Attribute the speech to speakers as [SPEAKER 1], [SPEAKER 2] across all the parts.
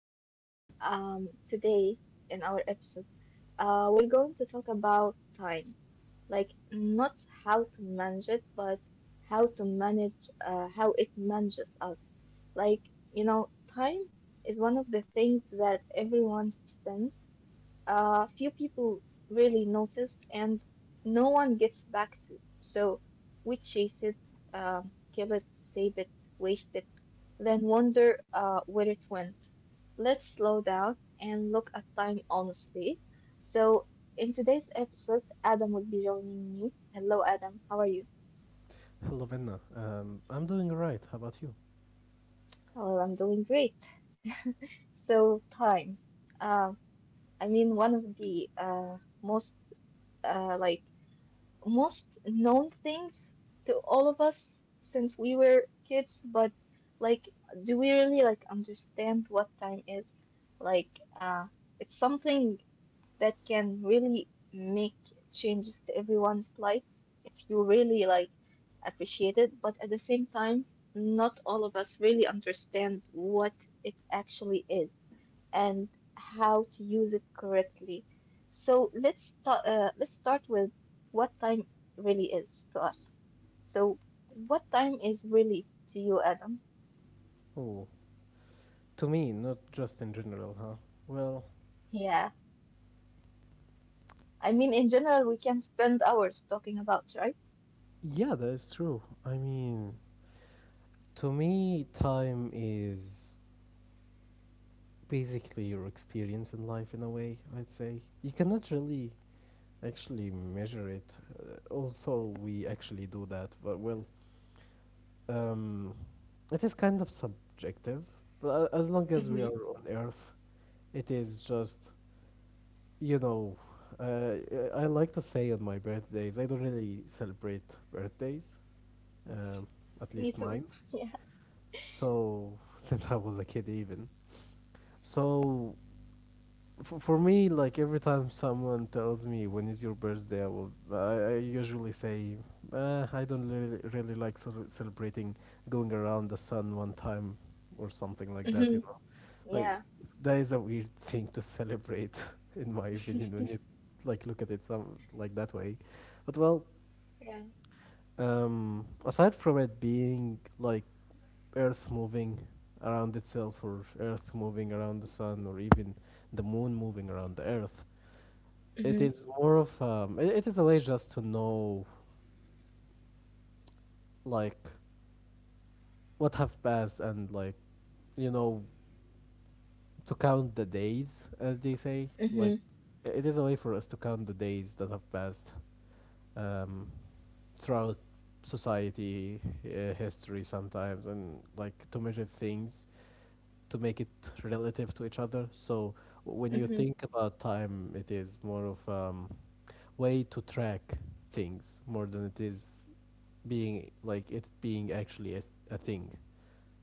[SPEAKER 1] everyone. Today in our episode, we're going to talk about time, like not how to manage it, but how to manage how it manages us. Like, time is one of the things that everyone spends. Few people really notice, and no one gets back to. So we chase it, uh, give it, save it, waste it, then wonder where it went. Let's slow down and look at time honestly. So, in today's episode, Adam will be joining me. Hello, Adam. How are you?
[SPEAKER 2] Hello, Benna. I'm doing alright. How about you?
[SPEAKER 1] Well, I'm doing great. So, time. Uh, I mean, one of the most like most known things to all of us since we were kids, but like, do we really like understand what time is? Like, it's something that can really make changes to everyone's life if you really like appreciate it. But at the same time, not all of us really understand what it actually is and how to use it correctly. So let's start with what time really is to us. So what time is really to you, Adam?
[SPEAKER 2] Oh, to me, not just in general, huh? Well,
[SPEAKER 1] Yeah. I mean, in general, we can spend hours talking about, right?
[SPEAKER 2] yeah, that is true. I mean, to me, time is basically your experience in life in a way, I'd say. You cannot really actually measure it, although we actually do that, but well, um, it is kind of subjective. But as long as we
[SPEAKER 1] Mm-hmm.
[SPEAKER 2] are on Earth, it is just you know, uh, I like to say on my birthdays, I don't really celebrate birthdays, um, at
[SPEAKER 1] Me
[SPEAKER 2] least
[SPEAKER 1] too.
[SPEAKER 2] mine.
[SPEAKER 1] Yeah.
[SPEAKER 2] So, since I was a kid, even. So, for me, like every time someone tells me when is your birthday, I usually say, I don't really, really like celebrating going around the sun one time or something like that, you
[SPEAKER 1] Mhm.
[SPEAKER 2] know. Like
[SPEAKER 1] Yeah.
[SPEAKER 2] that is a weird thing to celebrate, in my opinion, when you like look at it some like that way. But well,
[SPEAKER 1] Yeah.
[SPEAKER 2] aside from it being like Earth moving around itself, or Earth moving around the sun, or even the moon moving around the Earth, it
[SPEAKER 1] Mhm.
[SPEAKER 2] is more of it is a way just to know like what have passed and like you know, to count the days, as they say, like.
[SPEAKER 1] Mhm.
[SPEAKER 2] It is a way for us to count the days that have passed um, throughout society, history sometimes, and like to measure things to make it relative to each other. So when you
[SPEAKER 1] Mhm.
[SPEAKER 2] think about time, it is more of way to track things more than it is being like it being actually a thing.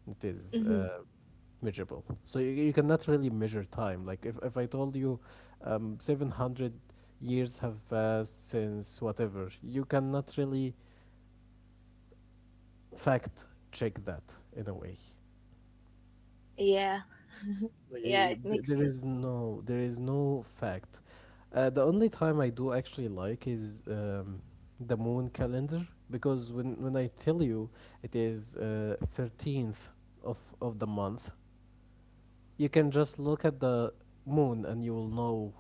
[SPEAKER 2] It is
[SPEAKER 1] Mhm.
[SPEAKER 2] measurable. So you cannot really measure time. Like if I told you 700 years have passed since whatever, you cannot really fact check that in a way.
[SPEAKER 1] Yeah.
[SPEAKER 2] Like,
[SPEAKER 1] Yeah. It makes sense.
[SPEAKER 2] there is no fact. The only time I do actually like is the moon calendar, because when I tell you it is 13th of the month, you can just look at the moon and you will know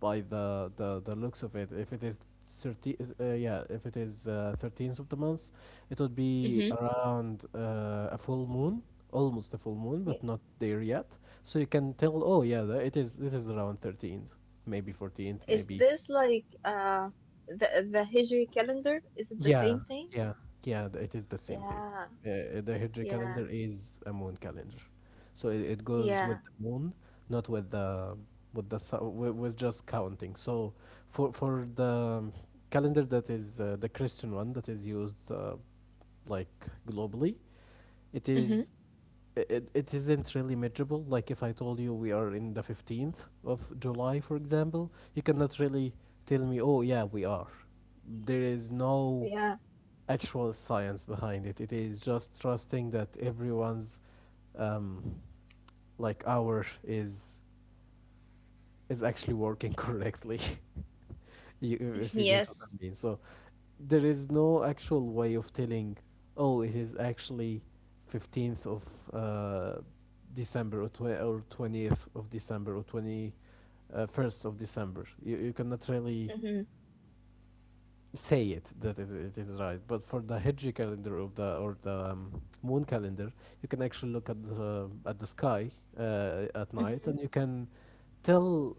[SPEAKER 2] by the looks of it. If it is 30, yeah, if it is 13th of the month, it would be
[SPEAKER 1] Mhm.
[SPEAKER 2] around a full moon, almost a full moon but
[SPEAKER 1] Yeah.
[SPEAKER 2] not there yet. So you can tell, oh yeah, it is around 13th, maybe 14th
[SPEAKER 1] Is
[SPEAKER 2] maybe.
[SPEAKER 1] this like the Hijri calendar? Is it the
[SPEAKER 2] Yeah,
[SPEAKER 1] same thing?
[SPEAKER 2] yeah, yeah. It is the same thing.
[SPEAKER 1] Yeah.
[SPEAKER 2] The Hijri calendar
[SPEAKER 1] Yeah.
[SPEAKER 2] is a moon calendar, so it goes with the
[SPEAKER 1] Yeah.
[SPEAKER 2] moon, not with the with just counting. So for the calendar that is the Christian one, that is used like globally, it is.
[SPEAKER 1] Mhm.
[SPEAKER 2] It, it isn't really measurable. Like if I told you we are in the 15th of July, for example, you cannot really tell me, oh, yeah, we are there is no
[SPEAKER 1] Yeah.
[SPEAKER 2] actual science behind it. It is just trusting that everyone's um, like hour is actually working correctly. You, if you
[SPEAKER 1] Yes.
[SPEAKER 2] get what I mean. So there is no actual way of telling. Oh, it is actually 15th of uh, December, or or 20th of December, or twenty first of December. You cannot really
[SPEAKER 1] Mhm.
[SPEAKER 2] say it that it is right. But for the Hijri calendar, of the or the moon calendar, you can actually look at the sky at night,
[SPEAKER 1] Mhm.
[SPEAKER 2] and you can tell,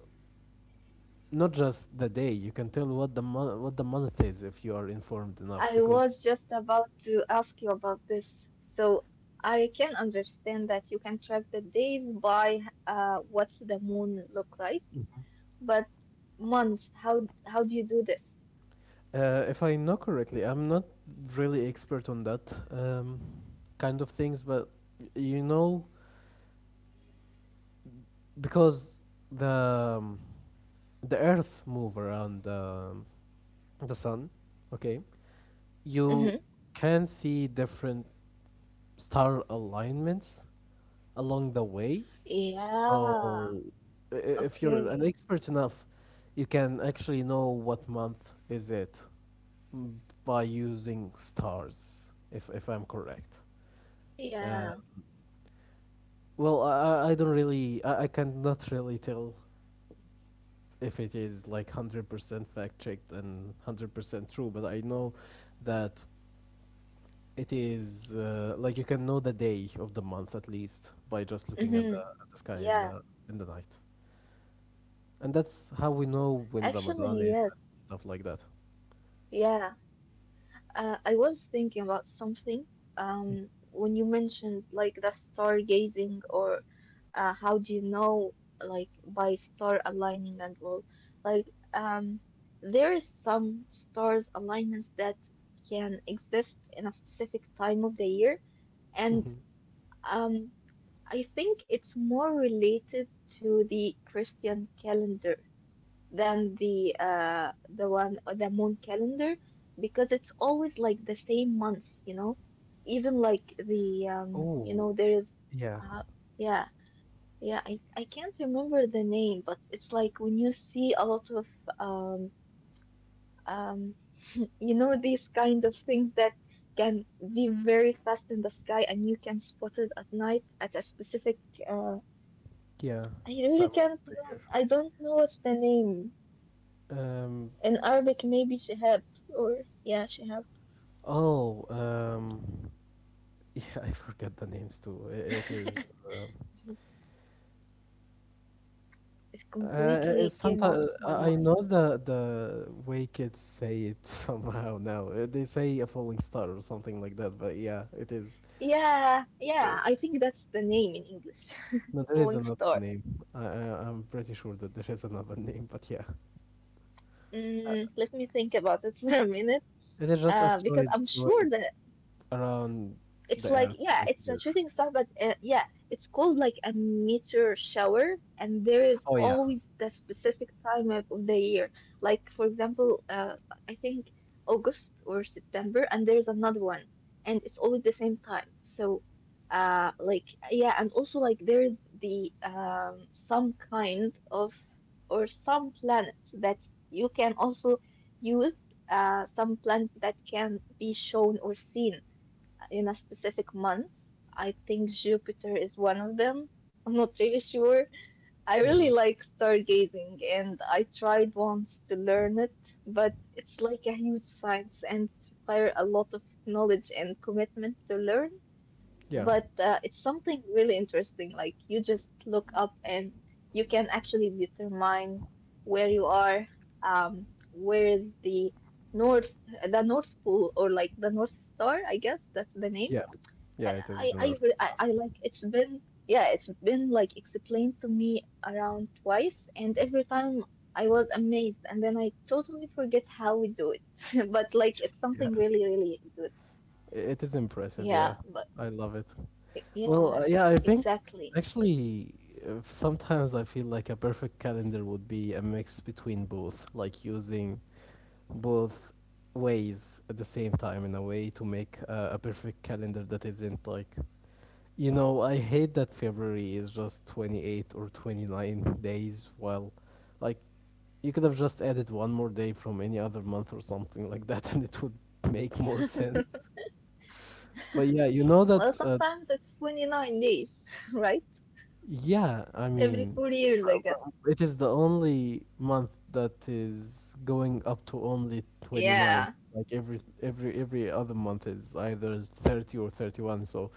[SPEAKER 2] not just the day. You can tell what the month is, if you are informed
[SPEAKER 1] I
[SPEAKER 2] enough. Because
[SPEAKER 1] was just about to ask you about this, so I can understand that you can track the days by what's the moon look like, but months. How do you do this?
[SPEAKER 2] if I know correctly, I'm not really expert on that kind of things, but you know, because the um, the Earth move around the sun, okay,
[SPEAKER 1] Mm-hmm.
[SPEAKER 2] you can see different star alignments along the way.
[SPEAKER 1] Yeah.
[SPEAKER 2] So,
[SPEAKER 1] Okay.
[SPEAKER 2] if you're an expert enough, you can actually know what month is it by using stars, if I'm correct.
[SPEAKER 1] Yeah.
[SPEAKER 2] Um, well, I don't really, I cannot really tell if it is like 100% fact checked and 100% true, but I know that it is like, you can know the day of the month at least by just looking
[SPEAKER 1] Mm-hmm.
[SPEAKER 2] at the sky
[SPEAKER 1] Yeah.
[SPEAKER 2] in the night, and that's how we know when
[SPEAKER 1] Actually,
[SPEAKER 2] Ramadan
[SPEAKER 1] yes.
[SPEAKER 2] is and stuff like that.
[SPEAKER 1] Yeah. I was thinking about something. When you mentioned like the stargazing or how do you know like by star aligning and all, like there is some stars alignments that can exist in a specific time of the year,
[SPEAKER 2] Hmm.
[SPEAKER 1] and um I think it's more related to the Christian calendar than the one or the moon calendar because it's always like the same months. Even like the
[SPEAKER 2] Oh
[SPEAKER 1] there is
[SPEAKER 2] yeah,
[SPEAKER 1] uh yeah, yeah, I can't remember the name, but it's like when you see a lot of um um these kind of things that can be very fast in the sky and you can spot it at night at a specific uh.
[SPEAKER 2] yeah, time
[SPEAKER 1] I
[SPEAKER 2] of
[SPEAKER 1] really
[SPEAKER 2] the year.
[SPEAKER 1] can't know. I don't know what's the name.
[SPEAKER 2] Um,
[SPEAKER 1] In Arabic, maybe Shihab or yeah, Shihab.
[SPEAKER 2] oh yeah, I forget the names too. I it is.
[SPEAKER 1] It
[SPEAKER 2] It's
[SPEAKER 1] completely came
[SPEAKER 2] sometimes
[SPEAKER 1] out of my
[SPEAKER 2] I
[SPEAKER 1] mind.
[SPEAKER 2] know the way kids say it somehow now. They say a falling star or something like that, but yeah, it is
[SPEAKER 1] Yeah,
[SPEAKER 2] it's those.
[SPEAKER 1] yeah, I think that's the name in English.
[SPEAKER 2] No, there is another
[SPEAKER 1] Falling
[SPEAKER 2] name.
[SPEAKER 1] Star.
[SPEAKER 2] I'm pretty sure that there is another name, but yeah,
[SPEAKER 1] Let me think about it for a minute.
[SPEAKER 2] it is just
[SPEAKER 1] Because
[SPEAKER 2] asteroids
[SPEAKER 1] I'm sure
[SPEAKER 2] going
[SPEAKER 1] that
[SPEAKER 2] around
[SPEAKER 1] it's
[SPEAKER 2] the
[SPEAKER 1] like
[SPEAKER 2] Earth
[SPEAKER 1] yeah,
[SPEAKER 2] like
[SPEAKER 1] it's a
[SPEAKER 2] there.
[SPEAKER 1] shooting star, but yeah, it's called like a meteor shower, and there is
[SPEAKER 2] Oh yeah.
[SPEAKER 1] always the specific time of the year. Like for example, I think August or September, and there's another one, and it's always the same time. So, like yeah, and also like there's the some kind of or some planets that you can also use some planets that can be shown or seen in a specific month. I think Jupiter is one of them. I'm not really sure. I
[SPEAKER 2] Hmm.
[SPEAKER 1] really like stargazing and I tried once to learn it, but it's like a huge science and it require a lot of knowledge and commitment to learn.
[SPEAKER 2] Yeah,
[SPEAKER 1] But it's something really interesting. Like you just look up and you can actually determine where you are, where is the North Pole, or like the North Star, I guess that's the name.
[SPEAKER 2] yeah,
[SPEAKER 1] I
[SPEAKER 2] yeah. It is the
[SPEAKER 1] I, re-
[SPEAKER 2] North.
[SPEAKER 1] I, Like it's been like explained to me around twice, and every time I was amazed and then I totally forget how we do it but like it's something
[SPEAKER 2] Yeah,
[SPEAKER 1] really, really good.
[SPEAKER 2] it is impressive.
[SPEAKER 1] Yeah,
[SPEAKER 2] Yeah,
[SPEAKER 1] but
[SPEAKER 2] I love it. Well,
[SPEAKER 1] yeah,
[SPEAKER 2] yeah, I think
[SPEAKER 1] exactly.
[SPEAKER 2] actually sometimes I feel like a perfect calendar would be a mix between both, like using both ways at the same time in a way to make a perfect calendar that isn't like, you know, I hate that February is just 28 or 29 days, while, like, you could have just added one more day from any other month or something like that, and it would make more sense. But yeah, you know that,
[SPEAKER 1] Well, sometimes it's 29 days right?
[SPEAKER 2] yeah, I
[SPEAKER 1] Every
[SPEAKER 2] mean,
[SPEAKER 1] 4 years, I
[SPEAKER 2] well,
[SPEAKER 1] guess.
[SPEAKER 2] it is the only month that is going up to only
[SPEAKER 1] Yeah.
[SPEAKER 2] 29. Like every other month is either 30 or 31. So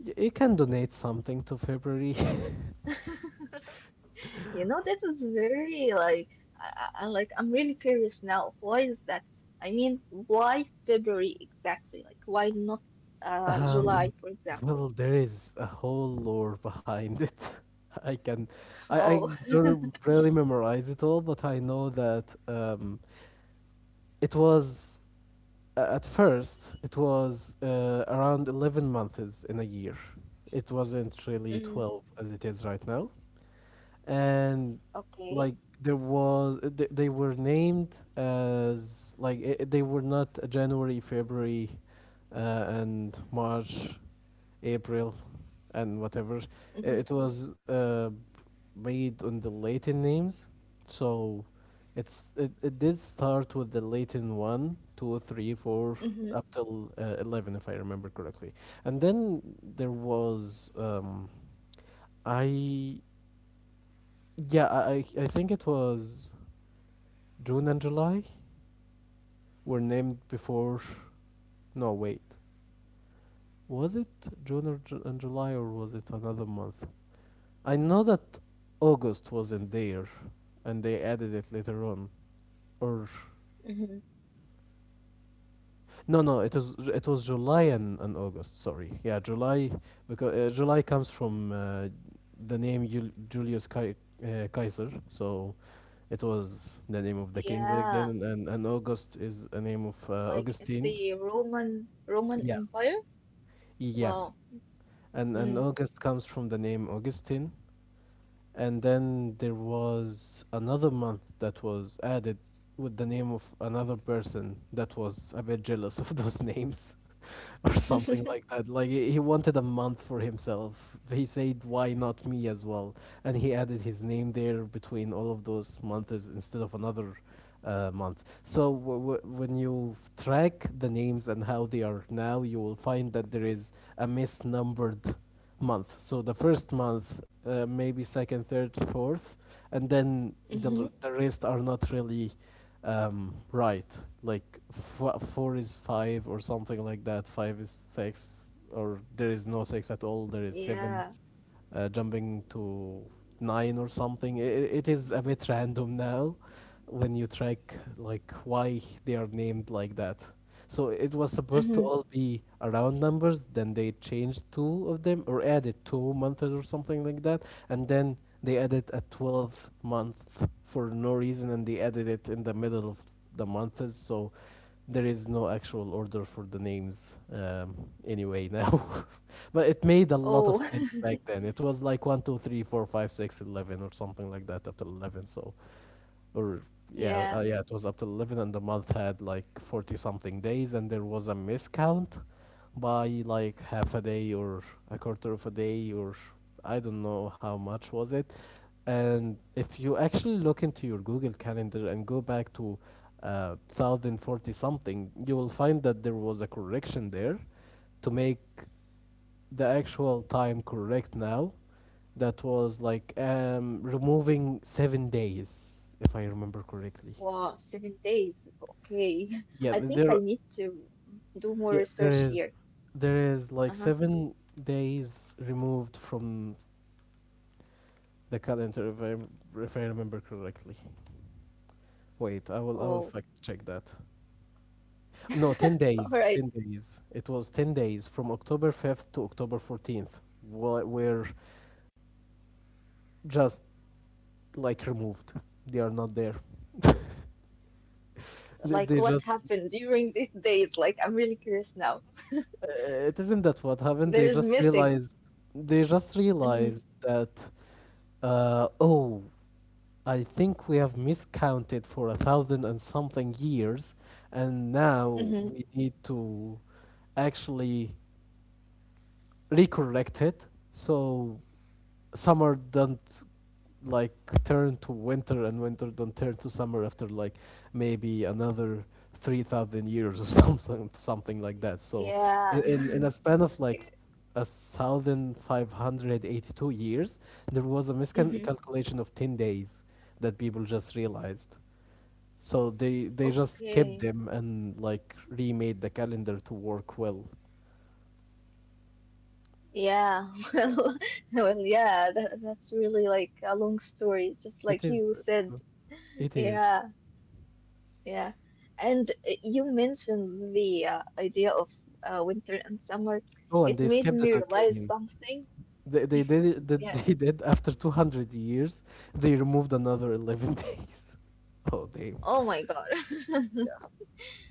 [SPEAKER 2] you can donate something to February.
[SPEAKER 1] That is very like like I'm really curious now. Why is that? I mean, why February exactly? Like, why not
[SPEAKER 2] Um,
[SPEAKER 1] July, for
[SPEAKER 2] well, there
[SPEAKER 1] example?
[SPEAKER 2] is a whole lore behind it. I can, I
[SPEAKER 1] Oh,
[SPEAKER 2] don't really memorize it all, but I know that it was at first it was around 11 months in a year. It wasn't really twelve
[SPEAKER 1] mm,
[SPEAKER 2] as it is right now, and like
[SPEAKER 1] okay.
[SPEAKER 2] there was they were named as like I they were not January, February, and March, April, and whatever. It
[SPEAKER 1] Mm-hmm,
[SPEAKER 2] was made on the Latin names, so it's it did start with the Latin one, two, three, four,
[SPEAKER 1] mm-hmm,
[SPEAKER 2] up till eleven, if I remember correctly. And then there was I yeah I think it was June and July were named before. No wait, was it June, or and July, or was it another month? I know that August wasn't there, and they added it later on. Or
[SPEAKER 1] mm-hmm.
[SPEAKER 2] no, no, it was July and August. Sorry, yeah, July, because July comes from the name Julius Caesar. So it was the name of the king back
[SPEAKER 1] Yeah,
[SPEAKER 2] then, and August is a name of
[SPEAKER 1] like in
[SPEAKER 2] Augustine.
[SPEAKER 1] the Roman
[SPEAKER 2] Yeah,
[SPEAKER 1] Empire.
[SPEAKER 2] yeah,
[SPEAKER 1] Wow.
[SPEAKER 2] and
[SPEAKER 1] Mm.
[SPEAKER 2] August comes from the name Augustine, and then there was another month that was added with the name of another person that was a bit jealous of those names or something like that. Like he wanted a month for himself. He said, "Why not me as well?" And he added his name there between all of those months instead of another month. So when you track the names and how they are now, you will find that there is a misnumbered month. So the first month, maybe second, third, fourth, and then
[SPEAKER 1] Mm-hmm.
[SPEAKER 2] the the rest are not really right. Like four is five or something like that. Five is six, or there is no six at all. There is
[SPEAKER 1] Yeah.
[SPEAKER 2] seven, jumping to nine or something. I it is a bit random now when you track like why they are named like that. So it was
[SPEAKER 1] Mm-hmm.
[SPEAKER 2] supposed to all be around numbers, then they changed two of them or added 2 months or something like that, and then they added a 12th month for no reason, and they added it in the middle of the months, so there is no actual order for the names, anyway now. But it made a lot
[SPEAKER 1] Oh,
[SPEAKER 2] of sense back then. It was like one, 2, 3, 4, 5, 6, 11 or something like that, up to 11. So or
[SPEAKER 1] yeah.
[SPEAKER 2] yeah, yeah, it was up to 11, and the month had like 40 something days, and there was a miscount by like half a day or a quarter of a day or I don't know how much was it. And if you actually look into your Google Calendar and go back to 1040 something, you will find that there was a correction there to make the actual time correct now. That was like removing 7 days, if I remember correctly.
[SPEAKER 1] Wow, 7 days. Okay. I
[SPEAKER 2] Yeah,
[SPEAKER 1] think I
[SPEAKER 2] there.
[SPEAKER 1] need to do more
[SPEAKER 2] Yeah,
[SPEAKER 1] research
[SPEAKER 2] there
[SPEAKER 1] here.
[SPEAKER 2] is. There is like
[SPEAKER 1] Uh-huh.
[SPEAKER 2] 7 days removed from the calendar, if I remember correctly. Wait, I will
[SPEAKER 1] Oh,
[SPEAKER 2] I will fact check that. No, 10
[SPEAKER 1] all right.
[SPEAKER 2] days. 10 days. It was 10 days from October 5th to October 14th. Were just like removed. They are not there.
[SPEAKER 1] Like, what
[SPEAKER 2] They just.
[SPEAKER 1] happened during these days? Like, I'm really curious now.
[SPEAKER 2] It isn't that what
[SPEAKER 1] There
[SPEAKER 2] happened. They
[SPEAKER 1] is
[SPEAKER 2] just
[SPEAKER 1] missing.
[SPEAKER 2] realized. They just
[SPEAKER 1] Hmm.
[SPEAKER 2] realized that. Uh, oh, I think we have miscounted for 1,000 and something years, and now
[SPEAKER 1] Hmm.
[SPEAKER 2] we need to actually recorrect it so summer don't like turn to winter and winter don't turn to summer after like maybe another 3000 years or something like that. So
[SPEAKER 1] Yeah.
[SPEAKER 2] In a span of like a 1582 years there was a
[SPEAKER 1] Hmm.
[SPEAKER 2] miscalculation of 10 days that people just realized, so they just
[SPEAKER 1] Okay.
[SPEAKER 2] kept them and like remade the calendar to work well.
[SPEAKER 1] Yeah.
[SPEAKER 2] Yeah,
[SPEAKER 1] Well, yeah, that's really like a long story, just
[SPEAKER 2] it
[SPEAKER 1] like
[SPEAKER 2] is
[SPEAKER 1] you said.
[SPEAKER 2] it is.
[SPEAKER 1] Yeah. Yeah, and you mentioned the idea of winter and summer.
[SPEAKER 2] Oh, and
[SPEAKER 1] It
[SPEAKER 2] they
[SPEAKER 1] made
[SPEAKER 2] skipped
[SPEAKER 1] me
[SPEAKER 2] it
[SPEAKER 1] realize
[SPEAKER 2] again.
[SPEAKER 1] something.
[SPEAKER 2] They did it, that
[SPEAKER 1] Yeah.
[SPEAKER 2] they did. After 200 years they removed another 11 days. oh damn,
[SPEAKER 1] Oh my God.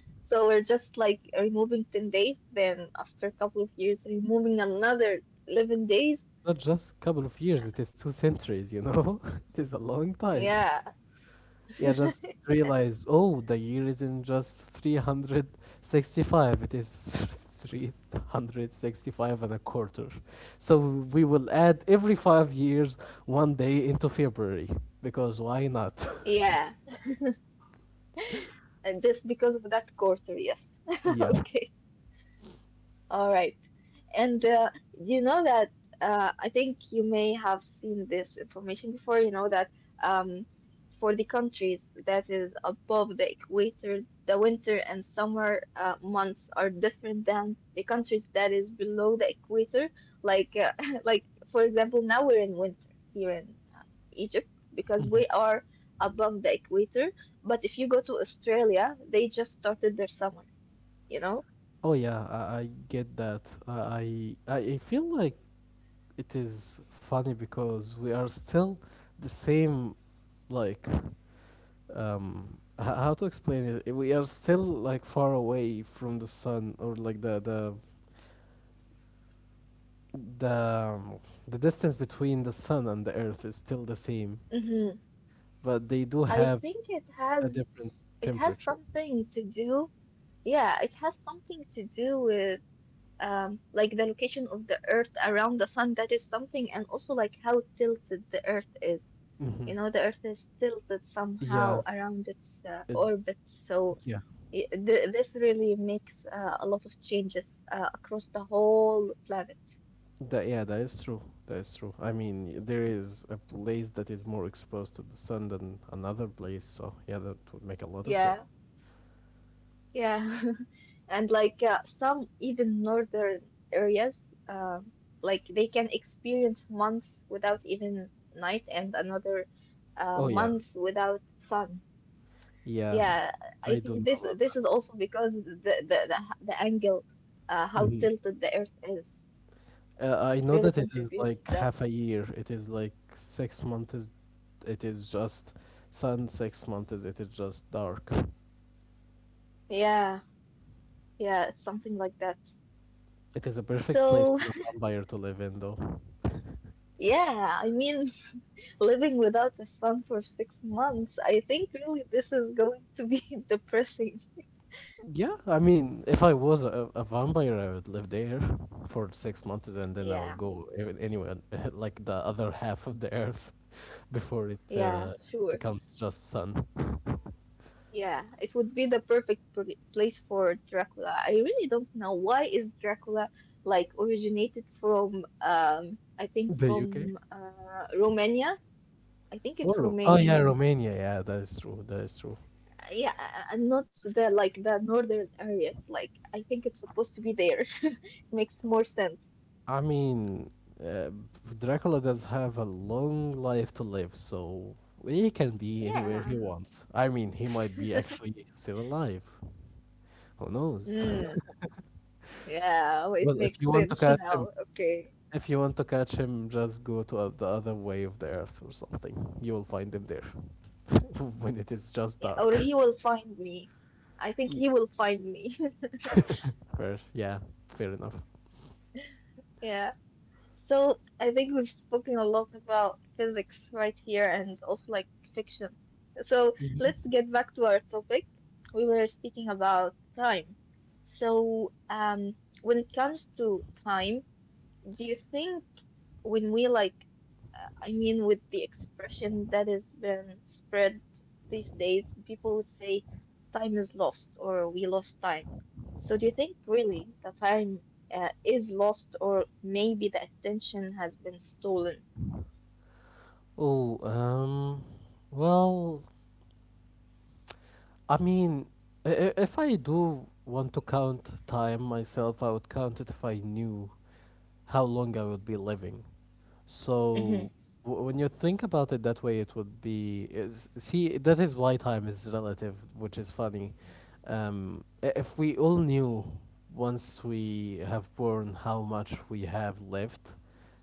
[SPEAKER 1] So we're just like removing 10 days, then after a couple of years, removing another 11 days.
[SPEAKER 2] not just a couple of years, it is two centuries, you know, it is a long time.
[SPEAKER 1] Yeah.
[SPEAKER 2] Yeah, just realize, oh, the year isn't just 365, it is 365 and a quarter, so we will add every 5 years one day into February because why not.
[SPEAKER 1] Yeah. And just because of that quarter, yes.
[SPEAKER 2] yeah.
[SPEAKER 1] Okay. All right. And you know that I think you may have seen this information before. You know that um, for the countries that is above the equator, the winter and summer months are different than the countries that is below the equator. Like, like for example, now we're in winter here in Egypt because we are above the equator. But if you go to Australia, they just started their summer, you know?
[SPEAKER 2] Oh yeah, I get that. I feel like it is funny because we are still the same. Like, how to explain it? We are still like far away from the sun, or like the um, the distance between the sun and the earth is still the same,
[SPEAKER 1] Mm-hmm.
[SPEAKER 2] but they do
[SPEAKER 1] I
[SPEAKER 2] have
[SPEAKER 1] think it has
[SPEAKER 2] a different
[SPEAKER 1] it has
[SPEAKER 2] temperature.
[SPEAKER 1] something to do. Yeah, it has something to do with like the location of the Earth around the sun. That is something, and also like how tilted the Earth is.
[SPEAKER 2] Mm-hmm.
[SPEAKER 1] You know, the Earth is tilted somehow
[SPEAKER 2] Yeah,
[SPEAKER 1] around its
[SPEAKER 2] it,
[SPEAKER 1] orbit, so
[SPEAKER 2] yeah.
[SPEAKER 1] I th this really makes a lot of changes across the whole planet.
[SPEAKER 2] That, yeah, that is true. That is true. I mean, there is a place that is more exposed to the sun than another place, so yeah, that would make a lot of
[SPEAKER 1] Yeah,
[SPEAKER 2] sense.
[SPEAKER 1] yeah. And like some even northern areas, uh, like they can experience months without even night and another
[SPEAKER 2] Oh yeah,
[SPEAKER 1] months without sun.
[SPEAKER 2] yeah,
[SPEAKER 1] Yeah, I
[SPEAKER 2] I
[SPEAKER 1] think
[SPEAKER 2] do know
[SPEAKER 1] this
[SPEAKER 2] about
[SPEAKER 1] this is
[SPEAKER 2] that.
[SPEAKER 1] also because the angle,
[SPEAKER 2] Hmm
[SPEAKER 1] how tilted the earth is,
[SPEAKER 2] I know
[SPEAKER 1] it
[SPEAKER 2] that it
[SPEAKER 1] really
[SPEAKER 2] is like
[SPEAKER 1] contributes
[SPEAKER 2] half a
[SPEAKER 1] that.
[SPEAKER 2] year. It is like 6 months. It is just sun. 6 months. It is just dark.
[SPEAKER 1] Yeah, yeah, it's something like that.
[SPEAKER 2] It is a perfect place
[SPEAKER 1] So
[SPEAKER 2] for a vampire to live in, though.
[SPEAKER 1] yeah, I mean, living without a sun for 6 months, I think really this is going to be depressing.
[SPEAKER 2] Yeah, I mean, if I was a vampire, I would live there for 6 months and then I will
[SPEAKER 1] Yeah,
[SPEAKER 2] go anywhere, like the other half of the earth, before it
[SPEAKER 1] yeah, sure.
[SPEAKER 2] becomes just sun.
[SPEAKER 1] Yeah, it would be the perfect place for Dracula. I really don't know why is Dracula like originated from I think
[SPEAKER 2] The
[SPEAKER 1] from
[SPEAKER 2] UK?
[SPEAKER 1] Romania. I think
[SPEAKER 2] Or
[SPEAKER 1] it's
[SPEAKER 2] Oh
[SPEAKER 1] Romania.
[SPEAKER 2] yeah, Romania. Yeah, that is true. That is true.
[SPEAKER 1] Yeah, not the like the northern areas. Like, I think it's supposed to be there. It makes more sense.
[SPEAKER 2] I mean, uh, Dracula does have a long life to live, so he can be anywhere
[SPEAKER 1] Yeah.
[SPEAKER 2] he wants. I mean, he might be actually still alive. Who knows?
[SPEAKER 1] Mm, yeah, well, it
[SPEAKER 2] well, if you
[SPEAKER 1] makes
[SPEAKER 2] want to
[SPEAKER 1] sense
[SPEAKER 2] catch him,
[SPEAKER 1] now. Okay.
[SPEAKER 2] if you want to catch him, just go to the other way of the earth or something. You will find him there when it is just
[SPEAKER 1] Yeah, or
[SPEAKER 2] dark.
[SPEAKER 1] he will find me. I think
[SPEAKER 2] Mm.
[SPEAKER 1] he will find me.
[SPEAKER 2] fair, yeah, fair enough.
[SPEAKER 1] Yeah. So I think we've spoken a lot about physics right here and also like fiction. So
[SPEAKER 2] Mhm.
[SPEAKER 1] let's get back to our topic. We were speaking about time. So when it comes to time, do you think when we like, I mean, with the expression that has been spread these days, people would say time is lost or we lost time. So do you think really the time is lost or maybe the attention has been stolen?
[SPEAKER 2] Oh, well, I mean, if I do want to count time myself, I would count it if I knew how long I would be living.
[SPEAKER 1] Mm-hmm.
[SPEAKER 2] So when you think about it that way, it would be is, see, that is why time is relative, which is funny. If we all knew once we have born how much we have left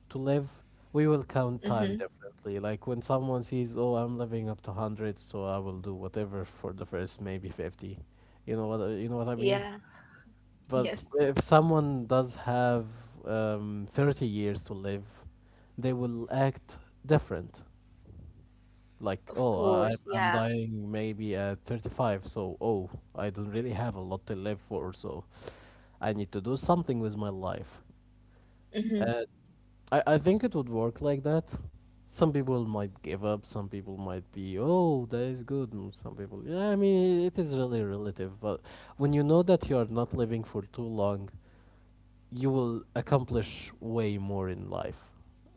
[SPEAKER 2] to live, we will count time
[SPEAKER 1] Mm-hmm.
[SPEAKER 2] differently. Like when someone sees, oh, I'm living up to hundred, so I will do whatever for the first maybe 50. You know what you know what I mean.
[SPEAKER 1] Yeah.
[SPEAKER 2] But
[SPEAKER 1] Yes.
[SPEAKER 2] if someone does have 30 years to live, they will act different. Like,
[SPEAKER 1] Of
[SPEAKER 2] oh,
[SPEAKER 1] course.
[SPEAKER 2] I'm
[SPEAKER 1] Yeah.
[SPEAKER 2] dying maybe at 35, so oh, I don't really have a lot to live for, so I need to do something with my life.
[SPEAKER 1] Mm-hmm.
[SPEAKER 2] I think it would work like that. Some people might give up, some people might be, oh, that is good, and some people, yeah, I mean, it is really relative. But when you know that you are not living for too long, you will accomplish way more in life.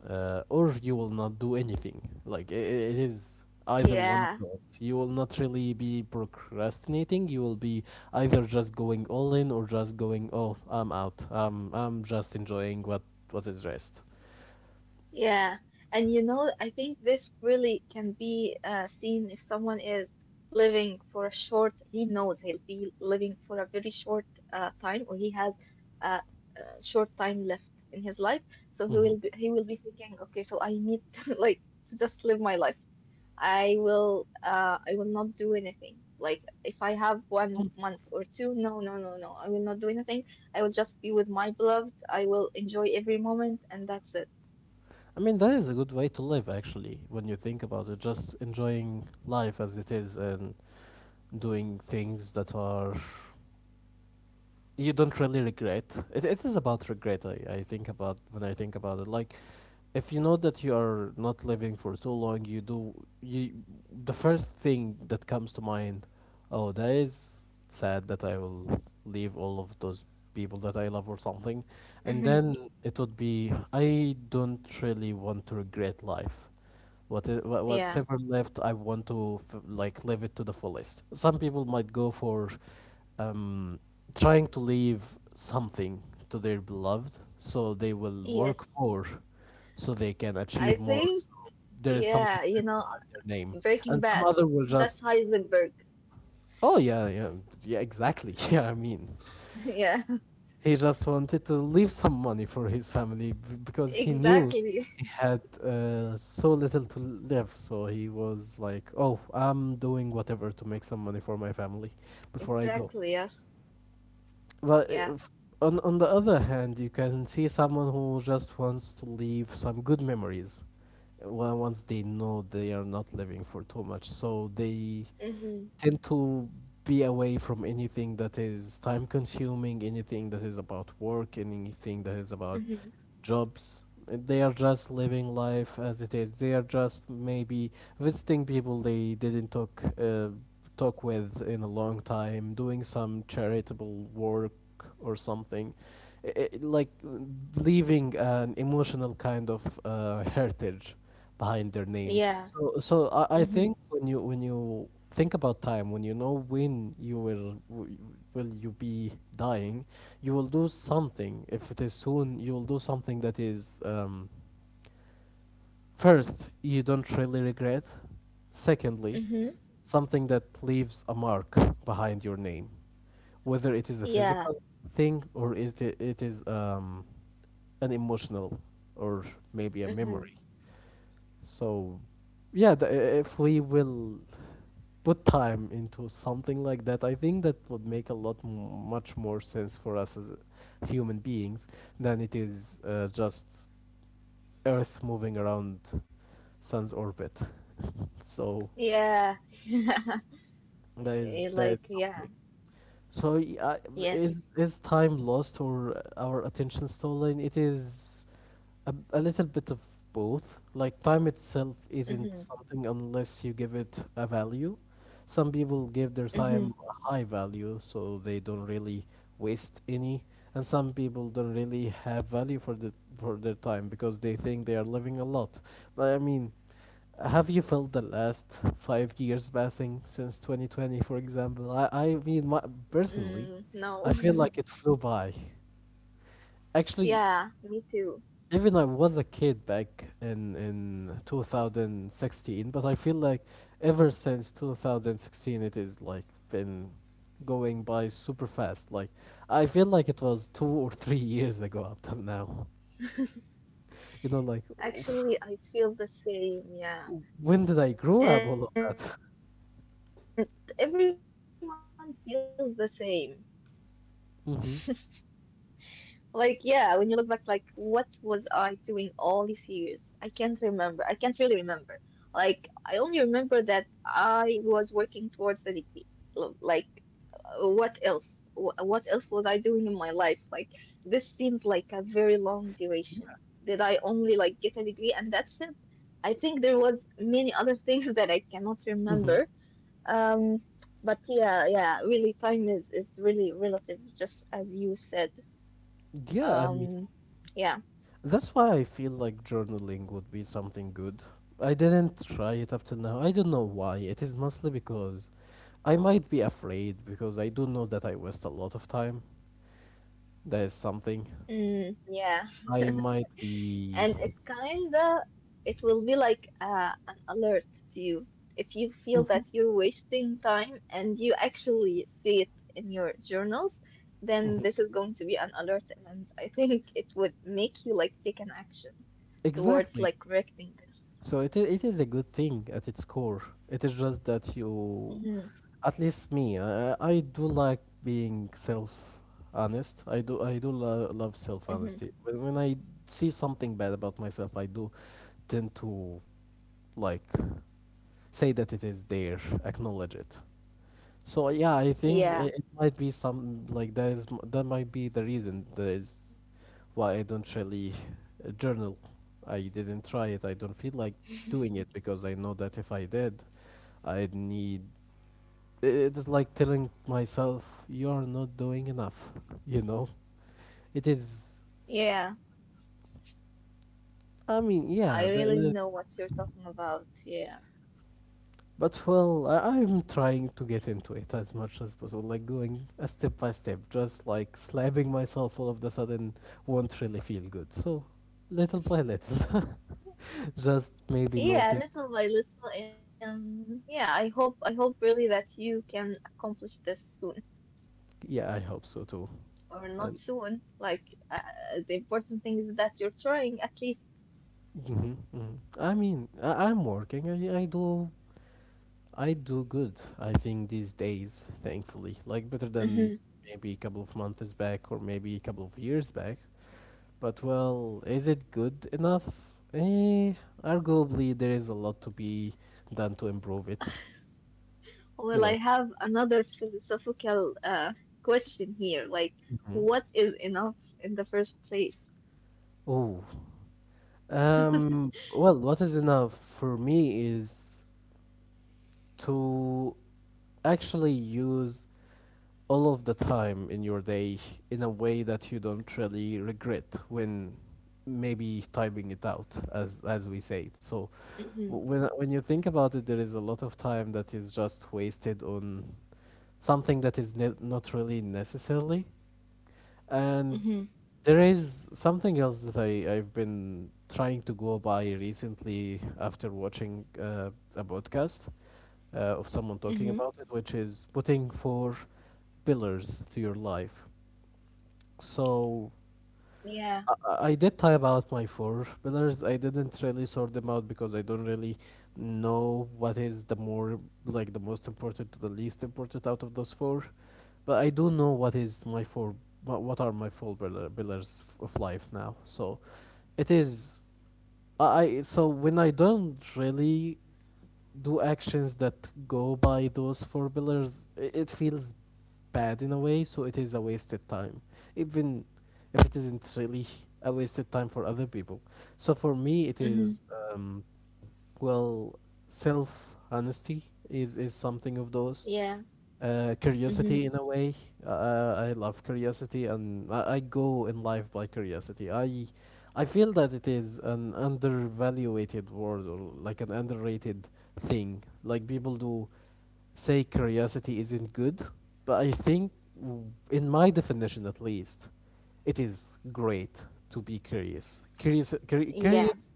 [SPEAKER 2] Or you will not do anything. Like, I It is either one of
[SPEAKER 1] Yeah.
[SPEAKER 2] those. You will not really be procrastinating. You will be either just going all in or just going, oh, I'm out. I'm just enjoying what is rest.
[SPEAKER 1] Yeah. And you know, I think this really can be seen if someone is living for a short, he knows he'll be living for a very short time or he has a, a short time left in his life. So he
[SPEAKER 2] Hmm
[SPEAKER 1] will be, he will be thinking, okay, so I need like to just live my life. I will not do anything. Like if I have one
[SPEAKER 2] Some,
[SPEAKER 1] month or two, no, no, no, no. I will not do anything. I will just be with my beloved. I will enjoy every moment and that's it.
[SPEAKER 2] I mean, that is a good way to live, actually, when you think about it. Just enjoying life as it is and doing things that are you don't really regret. It is about regret. I think about when I think about it. Like if you know that you are not living for too long, you do you the first thing that comes to mind, oh, that is sad that I will leave all of those people that I love or something. And
[SPEAKER 1] Hmm.
[SPEAKER 2] then it would be I don't really want to regret life. What's
[SPEAKER 1] Yeah.
[SPEAKER 2] ever left, I want to like live it to the fullest. Some people might go for um, trying to leave something to their beloved, so they will work
[SPEAKER 1] Yes.
[SPEAKER 2] more, so they can
[SPEAKER 1] I
[SPEAKER 2] achieve more.
[SPEAKER 1] think
[SPEAKER 2] So there is something
[SPEAKER 1] yeah,
[SPEAKER 2] left behind their name,
[SPEAKER 1] Breaking
[SPEAKER 2] and some
[SPEAKER 1] Bad.
[SPEAKER 2] other will
[SPEAKER 1] That's
[SPEAKER 2] just
[SPEAKER 1] Heisenberg.
[SPEAKER 2] oh yeah, yeah, yeah, exactly. Yeah, I mean,
[SPEAKER 1] Yeah.
[SPEAKER 2] he just wanted to leave some money for his family because he knew
[SPEAKER 1] Exactly.
[SPEAKER 2] he had so little to live. So he was like, "Oh, I'm doing whatever to make some money for my family before I go."
[SPEAKER 1] Exactly. Yes.
[SPEAKER 2] But
[SPEAKER 1] Yeah.
[SPEAKER 2] if, on the other hand, you can see someone who just wants to leave some good memories. Well, once they know they are not living for too much, so they
[SPEAKER 1] Hmm.
[SPEAKER 2] tend to be away from anything that is time consuming, anything that is about work, anything that is about
[SPEAKER 1] Hmm.
[SPEAKER 2] jobs. They are just living life as it is. They are just maybe visiting people they didn't talk talk with in a long time, doing some charitable work or something. I Like leaving an emotional kind of heritage behind their name.
[SPEAKER 1] Yeah.
[SPEAKER 2] So, I
[SPEAKER 1] Hmm.
[SPEAKER 2] think when you think about time, when you know when will you be dying, you will do something. If it is soon, you will do something that is. First, you don't really regret. Secondly,
[SPEAKER 1] Hmm.
[SPEAKER 2] something that leaves a mark behind your name, whether it is a
[SPEAKER 1] Yeah.
[SPEAKER 2] physical thing or it is an emotional or maybe a
[SPEAKER 1] Hmm.
[SPEAKER 2] memory. So, yeah, if we will put time into something like that, I think that would make a lot much more sense for us as human beings than it is just Earth moving around Sun's orbit. so
[SPEAKER 1] Yeah.
[SPEAKER 2] that
[SPEAKER 1] Yeah.
[SPEAKER 2] is
[SPEAKER 1] Like yeah.
[SPEAKER 2] something. So
[SPEAKER 1] Yes.
[SPEAKER 2] is time lost or our attention stolen? It is a little bit of both. Like time itself isn't
[SPEAKER 1] Mm-hmm.
[SPEAKER 2] something unless you give it a value. Some people give their
[SPEAKER 1] Mm-hmm.
[SPEAKER 2] time a high value, so they don't really waste any, and some people don't really have value for their time because they think they are living a lot. But I mean, have you felt the last 5 years passing since 2020, for example? I mean, my, personally,
[SPEAKER 1] Mm, no.
[SPEAKER 2] I feel like it flew by. Actually,
[SPEAKER 1] Yeah, me too.
[SPEAKER 2] even I was a kid back in 2016, but I feel like ever since 2016, it is like been going by super fast. Like I feel like it was 2 or 3 years ago up till now. You know, like
[SPEAKER 1] Actually, I feel the same. Yeah.
[SPEAKER 2] when did I
[SPEAKER 1] And
[SPEAKER 2] grow up? All of
[SPEAKER 1] everyone feels
[SPEAKER 2] that.
[SPEAKER 1] the same. Like, yeah, when you look back,
[SPEAKER 2] Mm-hmm.
[SPEAKER 1] like, what was I doing all these years? I can't remember. I can't really remember. Like, I only remember that I was working towards the degree. Like, what else? What else was I doing in my life? Like, this seems like a very long duration. Did I only like get a degree and that's it? I think there was many other things that I cannot remember.
[SPEAKER 2] Mm-hmm.
[SPEAKER 1] Um, but yeah, yeah, really, time is really relative, just as you said.
[SPEAKER 2] Yeah, I mean,
[SPEAKER 1] Um, yeah,
[SPEAKER 2] that's why I feel like journaling would be something good. I didn't try it up till now. I don't know why. It is mostly because I might be afraid because I do know that I waste a lot of time. That is something.
[SPEAKER 1] mm, yeah.
[SPEAKER 2] I might be.
[SPEAKER 1] And it will be like an alert to you if you feel
[SPEAKER 2] Mhm,
[SPEAKER 1] that you're wasting time and you actually see it in your journals. Then
[SPEAKER 2] mhm.
[SPEAKER 1] this is going to be an alert, and I think it would make you like take an action towards
[SPEAKER 2] Exactly.
[SPEAKER 1] like correcting this.
[SPEAKER 2] So it is a good thing at its core. It is just that you,
[SPEAKER 1] Hmm.
[SPEAKER 2] at least me, I do like being self honest. I do love self
[SPEAKER 1] Hmm.
[SPEAKER 2] honesty. When I see something bad about myself, I do tend to like say that it is there, acknowledge it. So yeah, I think
[SPEAKER 1] Yeah,
[SPEAKER 2] it might be some like that might be the reason that is why I don't really journal. I didn't try it. I don't feel like doing it because I know that if I did, I'd need. It is like telling myself, you're not doing enough, you know? It is.
[SPEAKER 1] yeah,
[SPEAKER 2] I mean, yeah,
[SPEAKER 1] I really
[SPEAKER 2] that's-
[SPEAKER 1] know what you're talking about. Yeah,
[SPEAKER 2] but well, I'm trying to get into it as much as possible, like going a step by step, just like slapping myself all of the sudden won't really feel good. So, little by little, just maybe
[SPEAKER 1] yeah,
[SPEAKER 2] noting.
[SPEAKER 1] little by little, and yeah, I hope I hope really that you can accomplish this soon,
[SPEAKER 2] Yeah, I hope so too.
[SPEAKER 1] or not
[SPEAKER 2] And
[SPEAKER 1] soon. Like the important thing is that you're trying at least.
[SPEAKER 2] hmm hmm I mean, I'm working. I do good. I think these days, thankfully, like better than
[SPEAKER 1] Hmm.
[SPEAKER 2] maybe a couple of months back or maybe a couple of years back. But well, is it good enough? Eh, Arguably there is a lot to be done to improve it. You
[SPEAKER 1] Well, I
[SPEAKER 2] know.
[SPEAKER 1] have another philosophical question here. Like,
[SPEAKER 2] Hmm.
[SPEAKER 1] what is enough in the first place?
[SPEAKER 2] Oh, well, what is enough for me is to actually use all of the time in your day in a way that you don't really regret when maybe typing it out as we say it, so
[SPEAKER 1] Mm-hmm.
[SPEAKER 2] when you think about it there is a lot of time that is just wasted on something that is not really necessarily, and
[SPEAKER 1] Mm-hmm.
[SPEAKER 2] there is something else that I've been trying to go by recently after watching a podcast of someone talking
[SPEAKER 1] Mm-hmm.
[SPEAKER 2] about it, which is putting four pillars to your life. So
[SPEAKER 1] Yeah.
[SPEAKER 2] I did type out my four pillars. I didn't really sort them out because I don't really know what is the more, like the most important to the least important out of those four. But I do know what is my four. What are my four pillars of life now? So it is. So when I don't really do actions that go by those four pillars, it feels bad in a way, so it is a wasted time, even if it isn't really a wasted time for other people. So for me, it
[SPEAKER 1] Mm-hmm.
[SPEAKER 2] is um, well, self honesty is something of those.
[SPEAKER 1] Yeah. Mm-hmm.
[SPEAKER 2] Curiosity in a way. I love curiosity, and I go in life by curiosity. I feel that it is an undervaluated word, or like an underrated thing. Like people do say curiosity isn't good, but I think, in my definition at least, it is great to be curious. Curious,
[SPEAKER 1] Yeah.
[SPEAKER 2] curious,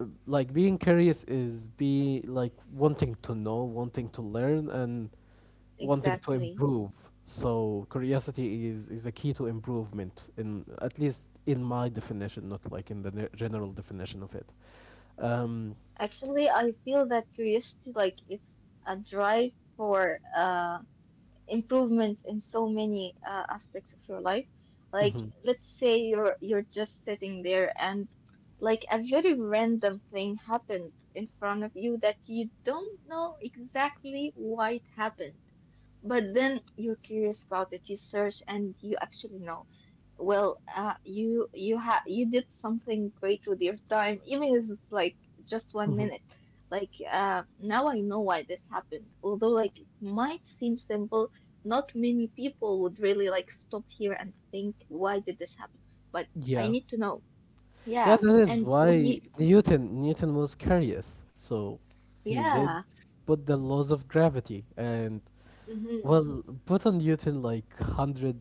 [SPEAKER 2] like, being curious is, be like, wanting to know, wanting to learn, and wanting to
[SPEAKER 1] Exactly.
[SPEAKER 2] improve. So curiosity is a key to improvement, in at least in my definition, not like in the general definition of it. Um,
[SPEAKER 1] Actually, I feel that curiosity, like, it's a drive for improvement in so many aspects of your life. Like,
[SPEAKER 2] mhm,
[SPEAKER 1] let's say you're just sitting there and like a very random thing happened in front of you that you don't know exactly why it happened, but then you're curious about it, you search, and you actually know. Well, you did something great with your time, even if it's like just one
[SPEAKER 2] mhm.
[SPEAKER 1] minute. Like now I know why this happened. Although like it might seem simple, not many people would really like stop here and think, why did this happen? But I
[SPEAKER 2] Yeah.
[SPEAKER 1] need to know.
[SPEAKER 2] Yeah,
[SPEAKER 1] Yeah,
[SPEAKER 2] that is
[SPEAKER 1] and when you...
[SPEAKER 2] why Newton was curious, so he did
[SPEAKER 1] yeah.
[SPEAKER 2] put the laws of gravity, and
[SPEAKER 1] Hmm.
[SPEAKER 2] well, put on Newton like hundred,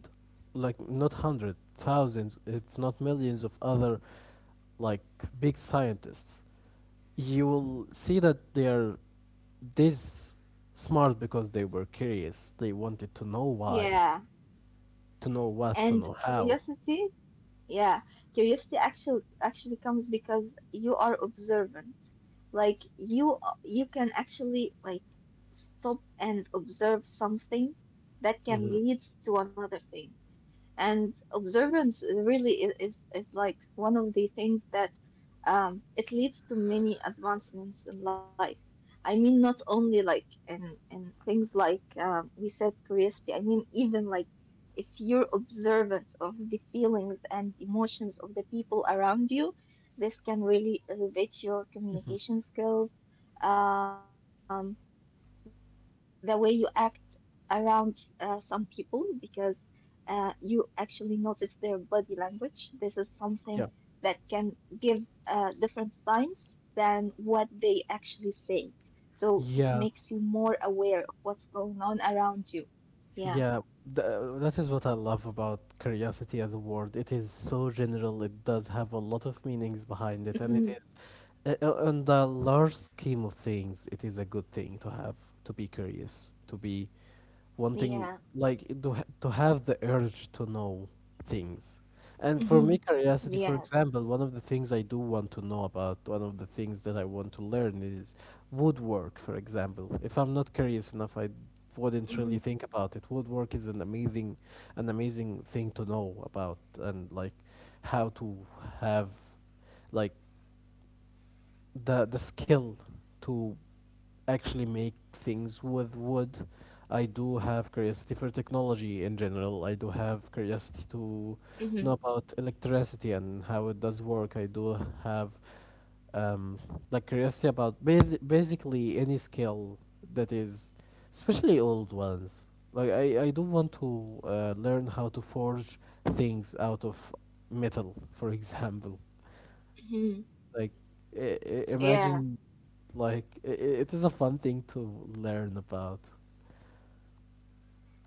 [SPEAKER 2] like not hundred, thousands, if not millions of other, like, big scientists. You will see that they are this smart because they were curious. They wanted to know why,
[SPEAKER 1] Yeah,
[SPEAKER 2] to know what, to
[SPEAKER 1] and
[SPEAKER 2] know how.
[SPEAKER 1] curiosity. Yeah, curiosity actually comes because you are observant. Like you can actually like stop and observe something that can lead to another thing. And observance really is like one of the things that it leads to many advancements in life. I mean, not only like in things like we said curiosity, I mean, even like if you're observant of the feelings and emotions of the people around you, this can really elevate your communication skills, um, the way you act around some people, because you actually notice their body language. This is
[SPEAKER 2] Yeah.
[SPEAKER 1] something that can give different signs than what they actually say.
[SPEAKER 2] Yeah.
[SPEAKER 1] So it makes you more aware of what's going on around you.
[SPEAKER 2] Yeah,
[SPEAKER 1] Yeah.
[SPEAKER 2] that is what I love about curiosity as a word. It is so general, it does have a lot of meanings behind it, and it is,
[SPEAKER 1] Mhm.
[SPEAKER 2] on the large scheme of things, it is a good thing to have, to be curious, to be wanting, like, to ha-
[SPEAKER 1] Yeah.
[SPEAKER 2] to have the urge to know things. And for me, curiosity, for
[SPEAKER 1] Hmm.
[SPEAKER 2] example, one of the
[SPEAKER 1] Yeah.
[SPEAKER 2] things I do want to know about, one of the things that I want to learn is woodwork, for example. If I'm not curious enough, I wouldn't
[SPEAKER 1] Hmm.
[SPEAKER 2] really think about it. Woodwork is an amazing thing to know about, and like, how to have, like, the skill to actually make things with wood. I do have curiosity for technology in general. I do have curiosity to
[SPEAKER 1] Hmm.
[SPEAKER 2] know about electricity and how it does work. I do have um, like curiosity about basically any skill that is, especially old ones. Like I do want to learn how to forge things out of metal, for example.
[SPEAKER 1] Hmm.
[SPEAKER 2] Like, I
[SPEAKER 1] Yeah.
[SPEAKER 2] imagine, like, it is a fun thing to learn about.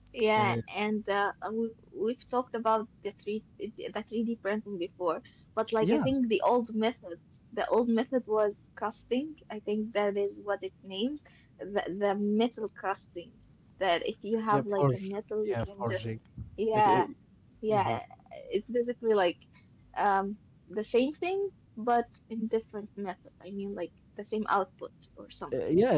[SPEAKER 1] Yeah.
[SPEAKER 2] And
[SPEAKER 1] And we've talked about the 3D printing before, but like I
[SPEAKER 2] yeah,
[SPEAKER 1] think the old method was casting. I think that is what it means, the metal casting. That if you
[SPEAKER 2] yeah,
[SPEAKER 1] have like a
[SPEAKER 2] forge,
[SPEAKER 1] metal, you
[SPEAKER 2] yeah,
[SPEAKER 1] can just...
[SPEAKER 2] forging. It,
[SPEAKER 1] yeah.
[SPEAKER 2] it Hmm,
[SPEAKER 1] Yeah, it's basically like um, the same thing, but in different method. I mean, like the same output or
[SPEAKER 2] yeah,
[SPEAKER 1] something.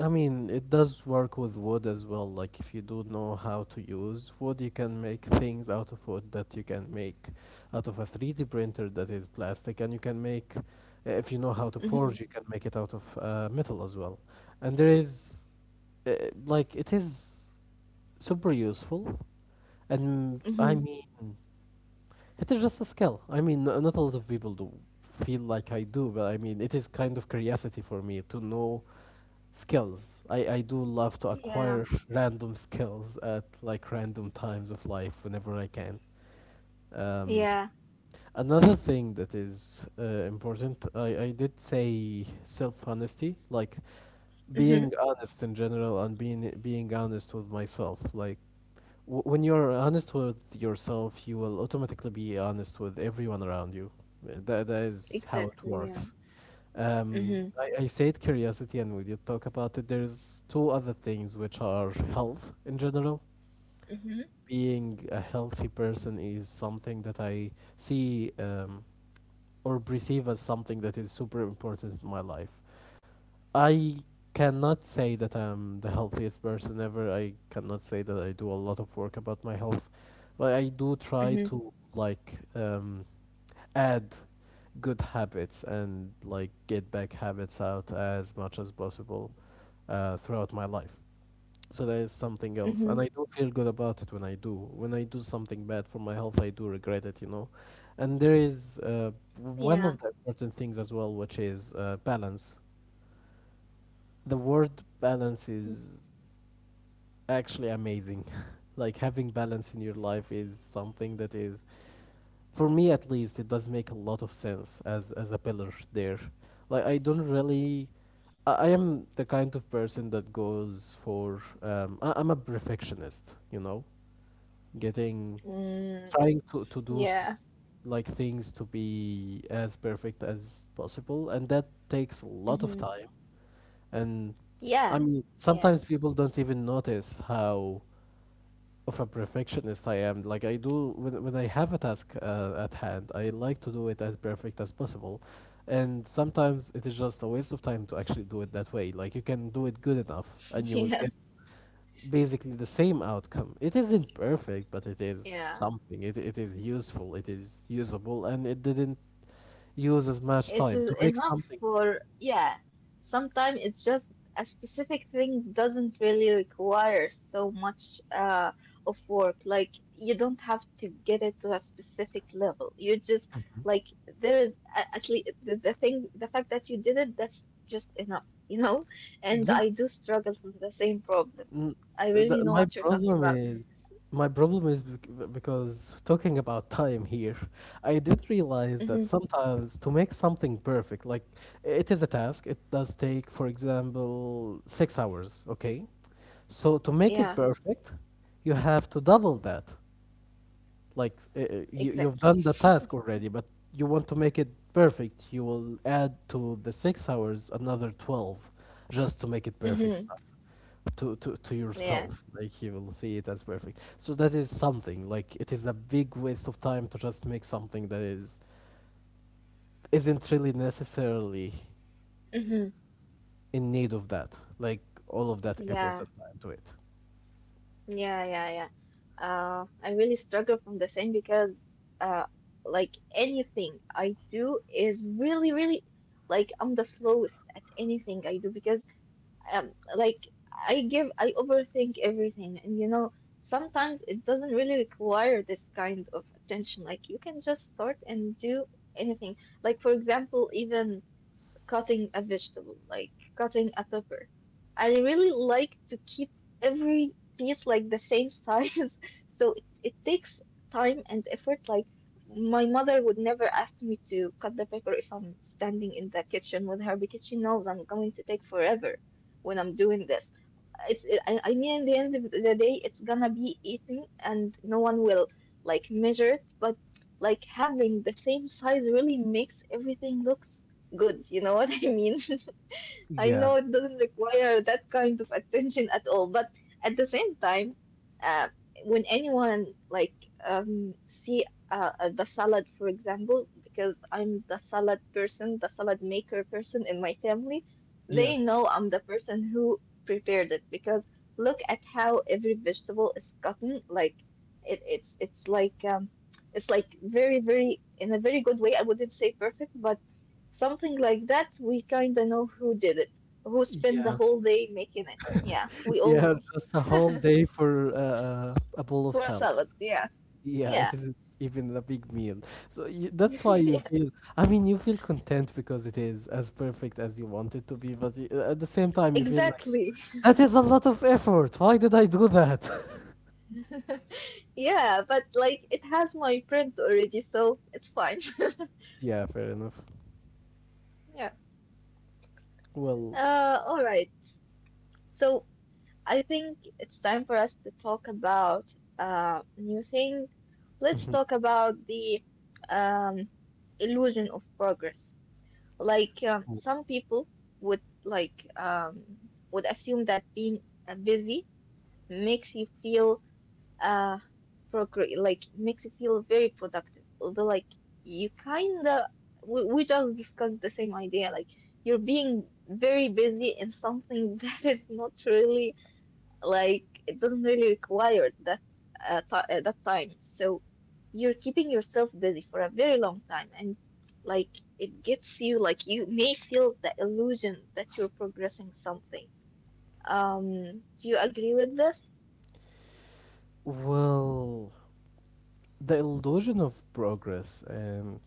[SPEAKER 2] I mean, it does work with wood as well. Like, if you do know how to use wood, you can make things out of wood that you can make out of a 3D printer that is plastic, and you can make, if you know how to forge, you
[SPEAKER 1] Mm-hmm.
[SPEAKER 2] can make it out of metal as well. And there is, uh, like, it is super useful, and I
[SPEAKER 1] Mm-hmm.
[SPEAKER 2] mean it is just a skill. I mean not a lot of people do feel like I do, but I mean it is kind of curiosity for me to know skills. I do love to
[SPEAKER 1] Yeah,
[SPEAKER 2] acquire random skills at like random times of life whenever I can. um
[SPEAKER 1] yeah.
[SPEAKER 2] Another thing that is important, I did say self honesty, like being
[SPEAKER 1] Mm-hmm.
[SPEAKER 2] honest in general and being honest with myself. Like when you're honest with yourself, you will automatically be honest with everyone around you. That is how it works.
[SPEAKER 1] Exactly. Yeah.
[SPEAKER 2] Um,
[SPEAKER 1] Mm-hmm.
[SPEAKER 2] I, I said curiosity, and we did talk about it. There's two other things, which are health in general.
[SPEAKER 1] Mm-hmm.
[SPEAKER 2] Being a healthy person is something that I see, or perceive, as something that is super important in my life. I cannot say that I'm the healthiest person ever. I cannot say that I do a lot of work about my health, but I do
[SPEAKER 1] Mm-hmm.
[SPEAKER 2] try to, like, add good habits and like get back habits out as much as possible throughout my life. So that is
[SPEAKER 1] Mm-hmm.
[SPEAKER 2] something else, and I do feel good about it when I do. When I do something bad for my health, I do regret it, you know. And there is
[SPEAKER 1] Yeah.
[SPEAKER 2] one of the important things as well, which is balance. The word balance is actually amazing. Like, having balance in your life is something that is, for me at least, it does make a lot of sense as a pillar there. Like, I don't really, I am the kind of person that goes for I'm a perfectionist, you know, getting,
[SPEAKER 1] Mm.
[SPEAKER 2] trying to
[SPEAKER 1] Yeah.
[SPEAKER 2] do like things to be as perfect as possible, and that takes a lot of
[SPEAKER 1] Mm-hmm.
[SPEAKER 2] time. And
[SPEAKER 1] Yeah.
[SPEAKER 2] I mean,
[SPEAKER 1] Yeah.
[SPEAKER 2] sometimes people don't even notice how of a perfectionist I am. Like I do, when I have a task at hand, I like to do it as perfect as possible. And sometimes it is just a waste of time to actually do it that way. Like you can do it good enough and you will
[SPEAKER 1] Yes,
[SPEAKER 2] get basically the same outcome. It isn't perfect, but it
[SPEAKER 1] yeah.
[SPEAKER 2] is something. It is useful, it is usable, and it didn't use as
[SPEAKER 1] It
[SPEAKER 2] much
[SPEAKER 1] is
[SPEAKER 2] time to
[SPEAKER 1] enough
[SPEAKER 2] make something.
[SPEAKER 1] for, yeah, sometimes it's just a specific thing doesn't really require so much of work. Like, you don't have to get it to a specific level. You just, like, there is at least the thing, the fact that you did it, that's just enough, you know? And
[SPEAKER 2] Yeah.
[SPEAKER 1] I do struggle with the same problem.
[SPEAKER 2] N-
[SPEAKER 1] I really know
[SPEAKER 2] The,
[SPEAKER 1] what you're
[SPEAKER 2] my
[SPEAKER 1] talking about.
[SPEAKER 2] problem is my problem is, because talking about time here, I did realize
[SPEAKER 1] Mm-hmm.
[SPEAKER 2] that sometimes to make something perfect, like, it is a task, it does take, for example, 6 hours, okay? So to make
[SPEAKER 1] Yeah,
[SPEAKER 2] it perfect, you have to double that. Like you,
[SPEAKER 1] exactly.
[SPEAKER 2] you've done the task already, but you want to make it perfect, you will add to the 6 hours another 12 just to make it perfect
[SPEAKER 1] Mm-hmm.
[SPEAKER 2] to
[SPEAKER 1] Yeah.
[SPEAKER 2] yourself. Like you will see it as perfect, so that is something. Like, it is a big waste of time to just make something that is isn't really necessarily
[SPEAKER 1] Mm-hmm.
[SPEAKER 2] in need of that, like, all of that effort and
[SPEAKER 1] Yeah.
[SPEAKER 2] time to it.
[SPEAKER 1] Yeah, yeah, yeah. I really struggle from the same because, uh, like anything I do is really, really like I'm the slowest at anything I do because, like I overthink everything, and sometimes it doesn't really require this kind of attention. Like you can just start and do anything. Like for example, even cutting a vegetable, like cutting a pepper. I really like to keep every piece like the same size, so it takes time and effort. Like my mother would never ask me to cut the pepper if I'm standing in the kitchen with her because she knows I'm going to take forever when I'm doing this. It's, I mean, at the end of the day, it's gonna be eaten and no one will like measure it, but like having the same size really makes everything look good. You know what I mean? I
[SPEAKER 2] Yeah,
[SPEAKER 1] know it doesn't require that kind of attention at all, but at the same time, uh, when anyone like see the salad, for example, because I'm the salad person, the salad maker person in my family,
[SPEAKER 2] yeah,
[SPEAKER 1] they know I'm the person who prepared it because look at how every vegetable is gotten. Like it's like it's like very very in a very good way. I wouldn't say perfect, but something like that. We kind of know who did it, who spent the
[SPEAKER 2] yeah.
[SPEAKER 1] whole day making it. Yeah, we all
[SPEAKER 2] Yeah,
[SPEAKER 1] know.
[SPEAKER 2] just a whole day for a bowl of
[SPEAKER 1] For a
[SPEAKER 2] salad.
[SPEAKER 1] salad, yes.
[SPEAKER 2] Yeah,
[SPEAKER 1] Yeah.
[SPEAKER 2] it isn't even a big meal. So that's why you
[SPEAKER 1] Yeah,
[SPEAKER 2] feel, I mean, you feel content because it is as perfect as you want it to be, but at the same time you feel like,
[SPEAKER 1] exactly.
[SPEAKER 2] that is a lot of effort. Why did I do that?
[SPEAKER 1] Yeah, but like it has my print already, so it's fine.
[SPEAKER 2] Yeah, fair enough.
[SPEAKER 1] Yeah.
[SPEAKER 2] Well,
[SPEAKER 1] All right. So I think it's time for us to talk about new thing. Let's talk about the um illusion of progress. Like some people would like would assume that being busy makes you feel uh procre like makes you feel very productive. Although like you kind of we just discussed the same idea. Like you're being very busy in something that is not really, like, it doesn't really require that ti that time. So you're keeping yourself busy for a very long time, and like it gets you, like, you may feel the illusion that you're progressing something. Um do you agree with this?
[SPEAKER 2] well, the illusion of progress and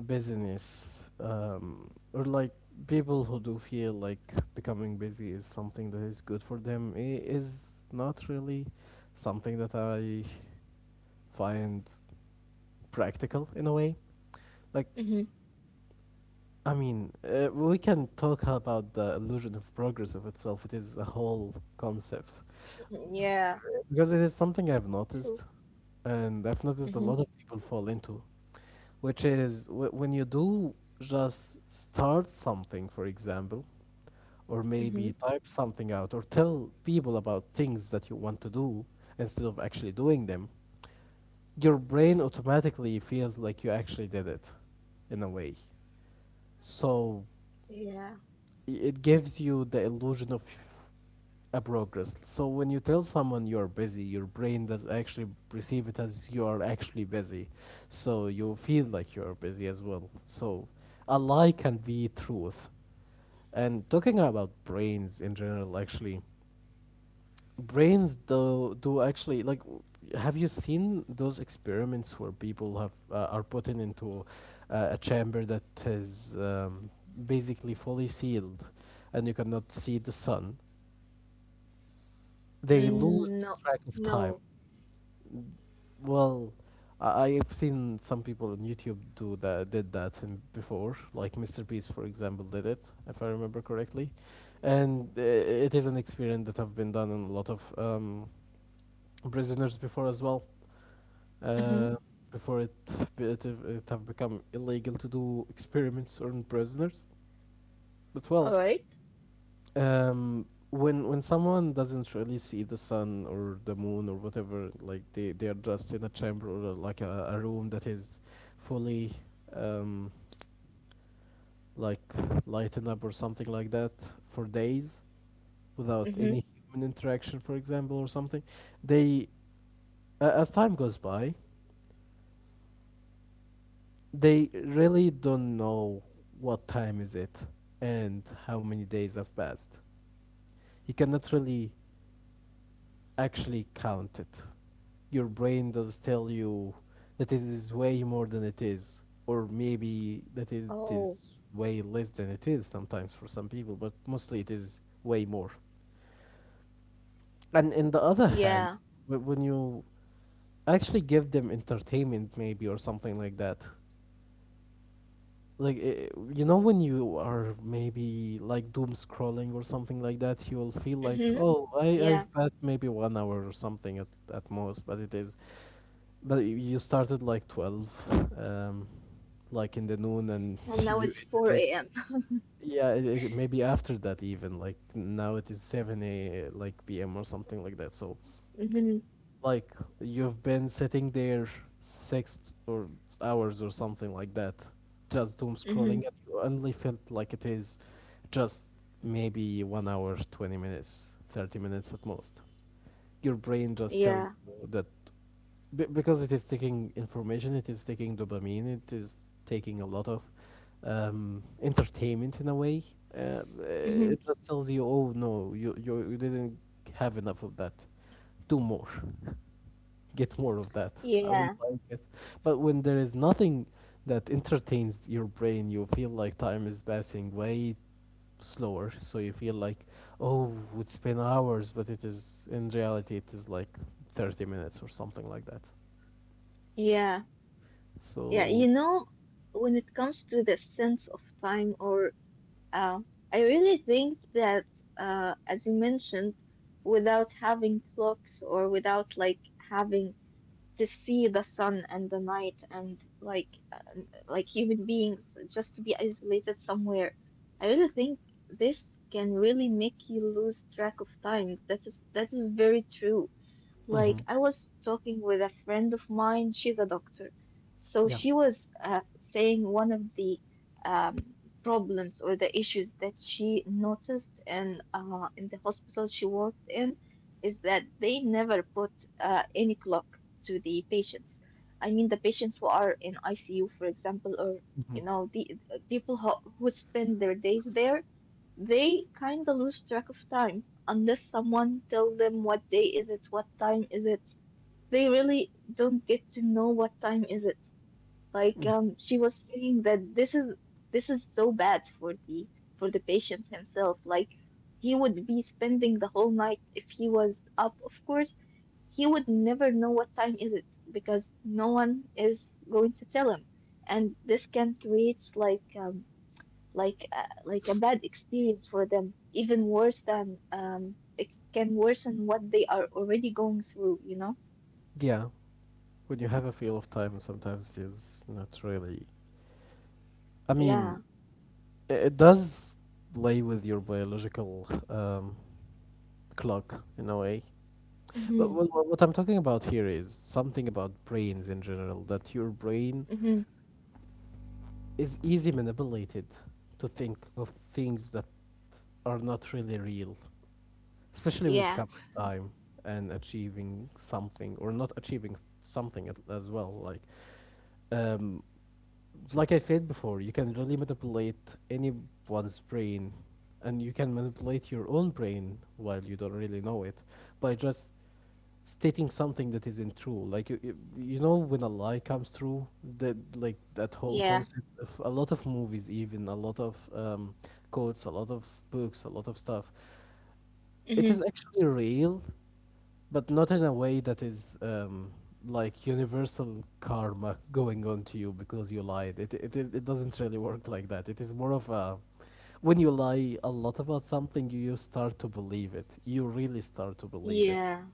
[SPEAKER 2] busyness, or like, people who do feel like becoming busy is something that is good for them, is not really something that I find practical in a way. Like,
[SPEAKER 1] Hmm.
[SPEAKER 2] I mean, we can talk about the illusion of progress of itself. It is a whole concept,
[SPEAKER 1] Yeah.
[SPEAKER 2] because it is something I've
[SPEAKER 1] True.
[SPEAKER 2] noticed, and I've noticed
[SPEAKER 1] Hmm.
[SPEAKER 2] a lot of people fall into, which is when you do just start something, for example, or maybe
[SPEAKER 1] Hmm.
[SPEAKER 2] type something out, or tell people about things that you want to do instead of actually doing them, your brain automatically feels like you actually did it in a way. So
[SPEAKER 1] Yeah.
[SPEAKER 2] it gives you the illusion of a progress. So when you tell someone you're busy, your brain does actually perceive it as you are actually busy. So you feel like you're busy as well. So a lie can be truth. And talking about brains in general, actually, brains do do actually, like, have you seen those experiments where people have are put in into a chamber that is basically fully sealed, and you cannot see the sun? They
[SPEAKER 1] Mm, no.
[SPEAKER 2] lose track
[SPEAKER 1] No.
[SPEAKER 2] of time. Well, I've seen some people on YouTube do that, did that in before, like Mr. Beast, for example, did it, if I remember correctly, and it is an experiment that have been done in a lot of prisoners before as well.
[SPEAKER 1] Hmm.
[SPEAKER 2] Uh, Before it, it have become illegal to do experiments on prisoners, but well,
[SPEAKER 1] All right.
[SPEAKER 2] When someone doesn't really see the sun or the moon or whatever, like they are just in a chamber or like a room that is fully um like lightened up or something like that for days without any
[SPEAKER 1] Mm-hmm.
[SPEAKER 2] human interaction, for example, or something, they a as time goes by, they really don't know what time is it and how many days have passed. You cannot really actually count it. Your brain does tell you that it is way more than it is, or maybe that it
[SPEAKER 1] Oh,
[SPEAKER 2] is way less than it is sometimes for some people, but mostly it is way more. And in the other
[SPEAKER 1] yeah.
[SPEAKER 2] hand, when you actually give them entertainment, maybe or something like that, like you know when you are maybe like doom scrolling or something like that, you will feel like,
[SPEAKER 1] Hmm.
[SPEAKER 2] oh,
[SPEAKER 1] Yeah,
[SPEAKER 2] I've passed maybe 1 hour or something at most, but it is. But y- you started like 12, like in the noon, and
[SPEAKER 1] and now
[SPEAKER 2] you
[SPEAKER 1] it's
[SPEAKER 2] ended it.
[SPEAKER 1] 4 a.m.
[SPEAKER 2] Yeah, it, maybe after that even like now it is 7 a like p.m. or something like that. So
[SPEAKER 1] Mm-hmm.
[SPEAKER 2] like you've been sitting there six or hours or something like that, just doom scrolling, and
[SPEAKER 1] Hmm.
[SPEAKER 2] you only felt like it is just maybe 1 hour, 20 minutes, 30 minutes at most. Your brain just tells
[SPEAKER 1] Yeah.
[SPEAKER 2] you that. Because it is taking information, it is taking dopamine, it is taking a lot of entertainment in a way. Uh, it
[SPEAKER 1] Hmm.
[SPEAKER 2] just tells you, oh no, you didn't have enough of that. Do more, get more of that. I would
[SPEAKER 1] Yeah.
[SPEAKER 2] like it. But when there is nothing that entertains your brain, you feel like time is passing way slower. So you feel like, oh, it's been hours, but it is in reality, it is like 30 minutes or something like that.
[SPEAKER 1] Yeah. Yeah,
[SPEAKER 2] So
[SPEAKER 1] when it comes to the sense of time, or uh, I really think that, as you mentioned, without having clocks or without like having to see the sun and the night, and like human beings just to be isolated somewhere, I really think this can really make you lose track of time. That is very true.
[SPEAKER 2] Mm-hmm.
[SPEAKER 1] Like, I was talking with a friend of mine, she's a doctor. So
[SPEAKER 2] Yeah.
[SPEAKER 1] she was saying one of the um, problems or the issues that she noticed in the hospital she worked in is that they never put any clock to the patients. I mean, the patients who are in ICU, for example, or,
[SPEAKER 2] Mm-hmm.
[SPEAKER 1] the people who spend their days there they kinda lose track of time unless someone tell them what day is it, what time is it. They really don't get to know what time is it. Like
[SPEAKER 2] Mm.
[SPEAKER 1] she was saying that this is so bad for the patient himself. Like he would be spending the whole night if he was up. Of course, he would never know what time is it because no one is going to tell him, and this can create like a bad experience for them, even worse than it can worsen what they are already going through, you know?
[SPEAKER 2] Yeah. When you have a feel of time, sometimes it is not really. I mean,
[SPEAKER 1] Yeah.
[SPEAKER 2] it does play with your biological clock in a way. But
[SPEAKER 1] Mhm.
[SPEAKER 2] what I'm talking about here is something about brains in general, that your brain
[SPEAKER 1] Mhm.
[SPEAKER 2] is easy manipulated to think of things that are not really real, especially when it
[SPEAKER 1] Yeah.
[SPEAKER 2] comes to time and achieving something or not achieving something as well. Um, like I said before, you can really manipulate anyone's brain, and you can manipulate your own brain while you don't really know it by just stating something that isn't true. Like you know, when a lie comes true, that like that whole
[SPEAKER 1] Yeah.
[SPEAKER 2] concept of a lot of movies, even a lot of quotes, a lot of books, a lot of stuff. It is
[SPEAKER 1] Mhm.
[SPEAKER 2] actually real, but not in a way that is like universal karma going on to you because you lied. It is it doesn't really work like that. It is more of a when you lie a lot about something, you start to believe it. You really start to believe it.
[SPEAKER 1] Yeah.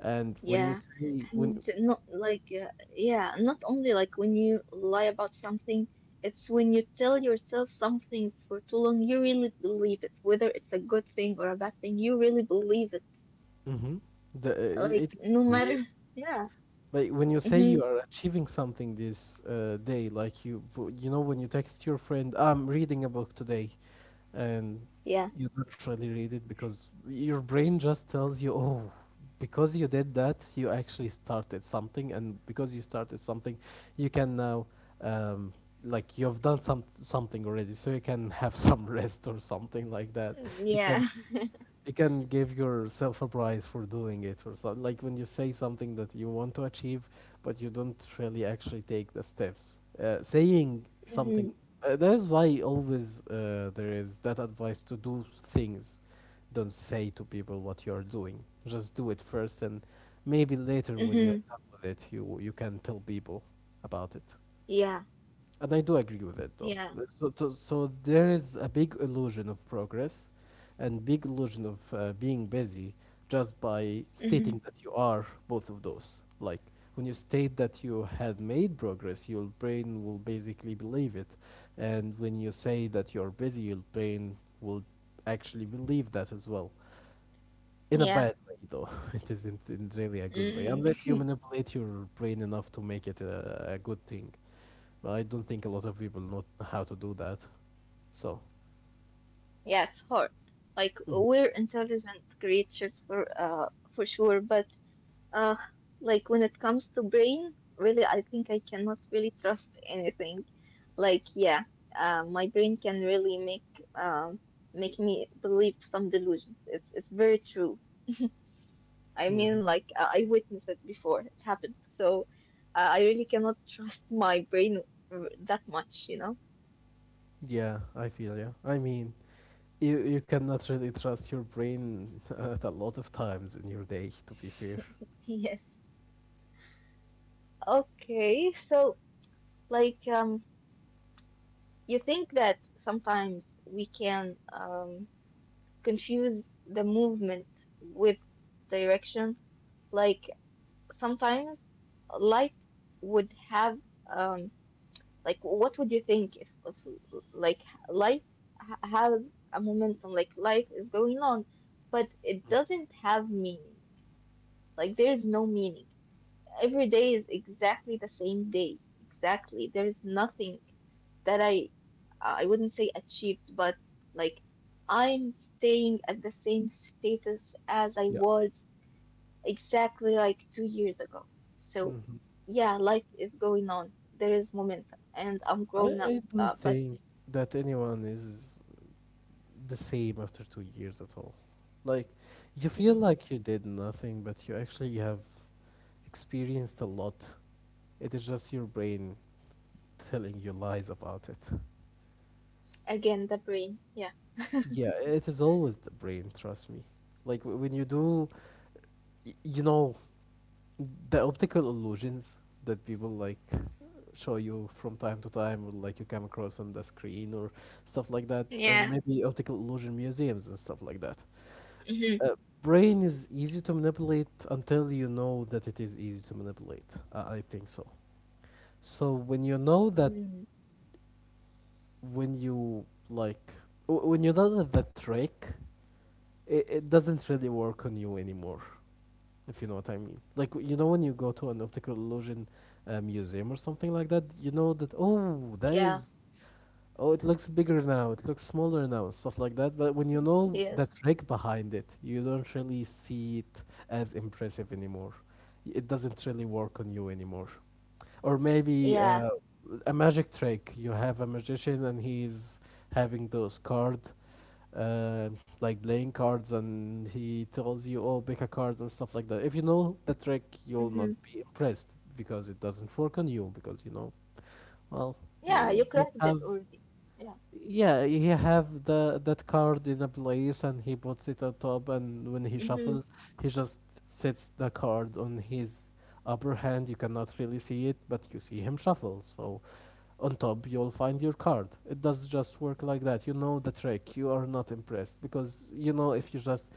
[SPEAKER 2] And when you
[SPEAKER 1] Yeah.
[SPEAKER 2] say when,
[SPEAKER 1] And not like yeah, not only like when you lie about something, it's when you tell yourself something for too long, you really believe it, whether it's a good thing or a bad thing, you really believe it.
[SPEAKER 2] mm-hmm, the
[SPEAKER 1] Like
[SPEAKER 2] it is
[SPEAKER 1] no matter.
[SPEAKER 2] weird.
[SPEAKER 1] Yeah.
[SPEAKER 2] But when you say you
[SPEAKER 1] Mhm.
[SPEAKER 2] are achieving something this day, like you, you know, when you text your friend, I'm reading a book today, and
[SPEAKER 1] Yeah.
[SPEAKER 2] you don't really read it because your brain just tells you, oh, because you did that, you actually started something, and because you started something, you can now, um, like, you've done something already, so you can have some rest or something like that. You can
[SPEAKER 1] Yeah.
[SPEAKER 2] you can give yourself a prize for doing it or something like when you say something that you want to achieve but you don't really actually take the steps saying something
[SPEAKER 1] Mhm.
[SPEAKER 2] that's why always there is that advice to do things, don't say to people what you're doing, just do it first and maybe later
[SPEAKER 1] Mhm.
[SPEAKER 2] when you're done with it you can tell people about it,
[SPEAKER 1] Yeah.
[SPEAKER 2] and I do agree with it though.
[SPEAKER 1] Yeah.
[SPEAKER 2] So, so there is a big illusion of progress and big illusion of being busy just by
[SPEAKER 1] Mhm.
[SPEAKER 2] stating that you are both of those. Like when you state that you had made progress, your brain will basically believe it. And when you say that you're busy, your brain will actually believe that as well. In a
[SPEAKER 1] Yeah.
[SPEAKER 2] bad way though. It isn't in really a good way. Unless
[SPEAKER 1] Mm.
[SPEAKER 2] you manipulate your brain enough to make it a good thing. But I don't think a lot of people know how to do that. So,
[SPEAKER 1] Yeah, it's hard. Like
[SPEAKER 2] Mhm.
[SPEAKER 1] we're intelligent creatures for sure, but uh like when it comes to brain, really I think I cannot really trust anything. Like yeah, my brain can really make um make me believe some delusions. It's very true. I mean,
[SPEAKER 2] Mhm.
[SPEAKER 1] like I witnessed it before it happened, so I really cannot trust my brain that much, you know?
[SPEAKER 2] Yeah, I feel you. I mean, you cannot really trust your brain at a lot of times in your day. To be fair,
[SPEAKER 1] Yes. Okay, so like you think that sometimes we can confuse the movement with direction. Like sometimes life would have um, like, what would you think if, like, life ha has a momentum, like, life is going on, but it doesn't have meaning. Like, there is no meaning. Every day is exactly the same day. Exactly. There is nothing that I wouldn't say achieved, but like, I'm staying at the same status as I
[SPEAKER 2] yeah.
[SPEAKER 1] was exactly like 2 years ago. So,
[SPEAKER 2] Hmm.
[SPEAKER 1] yeah, life is going on. There is momentum, and I'm growing up.
[SPEAKER 2] I don't
[SPEAKER 1] But
[SPEAKER 2] think that anyone is the same after 2 years at all. Like, you feel
[SPEAKER 1] mm.
[SPEAKER 2] like you did nothing, but you actually have experienced a lot. It is just your brain telling you lies about it.
[SPEAKER 1] Again, the brain. Yeah.
[SPEAKER 2] Yeah, it is always the brain, trust me. Like when you do, you know, the optical illusions that people like show you from time to time, or like you come across on the screen or stuff like that, or
[SPEAKER 1] Yeah.
[SPEAKER 2] maybe optical illusion museums and stuff like that.
[SPEAKER 1] Hmm.
[SPEAKER 2] Uh, brain is easy to manipulate until you know that it is easy to manipulate. I think so. So when you know that,
[SPEAKER 1] Mm.
[SPEAKER 2] when you like, when you know that the trick, it doesn't really work on you anymore if you know what I mean. Like you know when you go to an optical illusion museum or something like that, you know that oh that
[SPEAKER 1] Yeah.
[SPEAKER 2] is oh it looks bigger now, it looks smaller now, and stuff like that. But when you know
[SPEAKER 1] Yes.
[SPEAKER 2] that trick behind it, you don't really see it as impressive anymore. It doesn't really work on you anymore. Or maybe
[SPEAKER 1] Yeah.
[SPEAKER 2] uh, a magic trick. You have a magician and he's having those card uh, like playing cards and he tells you oh pick a card and stuff like that. If you know the trick
[SPEAKER 1] Hmm.
[SPEAKER 2] you'll not be impressed because it doesn't work on you because you know well,
[SPEAKER 1] Yeah. You
[SPEAKER 2] he
[SPEAKER 1] cracked
[SPEAKER 2] just
[SPEAKER 1] it
[SPEAKER 2] have,
[SPEAKER 1] already. Yeah.
[SPEAKER 2] yeah he have the that card in a place and he puts it on top and when he
[SPEAKER 1] Hmm.
[SPEAKER 2] shuffles he just sets the card on his upper hand, you cannot really see it but you see him shuffle. So on top, you'll find your card. It does just work like that. You know the trick. You are not impressed because you know if you just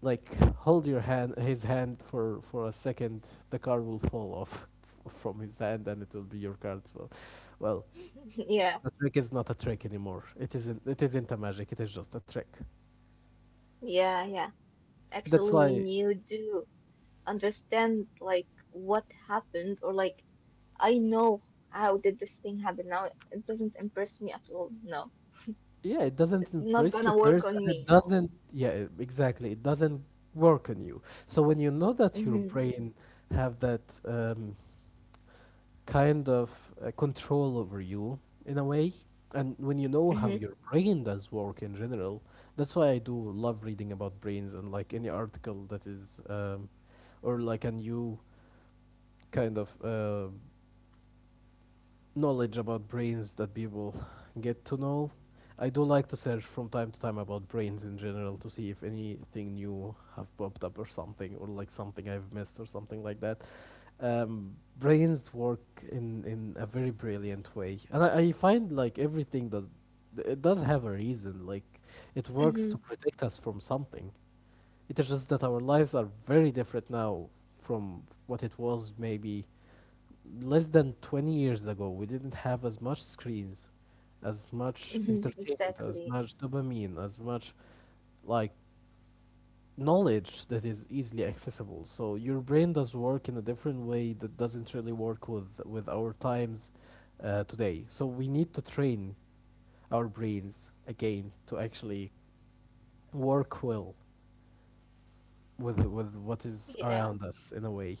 [SPEAKER 2] like hold your hand, his hand for a second, the card will fall off from his hand and it will be your card. So, well,
[SPEAKER 1] Yeah.
[SPEAKER 2] the trick is not a trick anymore. It isn't. It isn't a magic. It is just a trick.
[SPEAKER 1] Yeah. Yeah.
[SPEAKER 2] That's
[SPEAKER 1] Actually, when
[SPEAKER 2] why,
[SPEAKER 1] you do understand like what happened, or like I know how did this thing happen now, it doesn't impress me at all. No,
[SPEAKER 2] yeah, it doesn't
[SPEAKER 1] it's not
[SPEAKER 2] impress you
[SPEAKER 1] gonna work
[SPEAKER 2] first,
[SPEAKER 1] on
[SPEAKER 2] and it
[SPEAKER 1] me. No.
[SPEAKER 2] doesn't. Yeah, exactly. It doesn't work on you. So when you know that your
[SPEAKER 1] Hmm.
[SPEAKER 2] brain have that kind of control over you in a way. And when you know
[SPEAKER 1] Hmm.
[SPEAKER 2] how your brain does work in general, that's why I do love reading about brains and like any article that is, or like a new kind of knowledge about brains that people get to know. I do like to search from time to time about brains in general to see if anything new have popped up or something or like something I've missed or something like that. Um, brains work in a very brilliant way, and I find like everything does it does have a reason. Like it works to
[SPEAKER 1] Hmm.
[SPEAKER 2] protect us from something. It is just that our lives are very different now from what it was maybe less than 20 years ago. We didn't have as much screens, as much
[SPEAKER 1] Hmm.
[SPEAKER 2] entertainment, as
[SPEAKER 1] Exactly.
[SPEAKER 2] much dopamine, as much like knowledge that is easily accessible. So your brain does work in a different way that doesn't really work with our times today. So we need to train our brains again to actually work well with what is
[SPEAKER 1] Yeah.
[SPEAKER 2] around us in a way.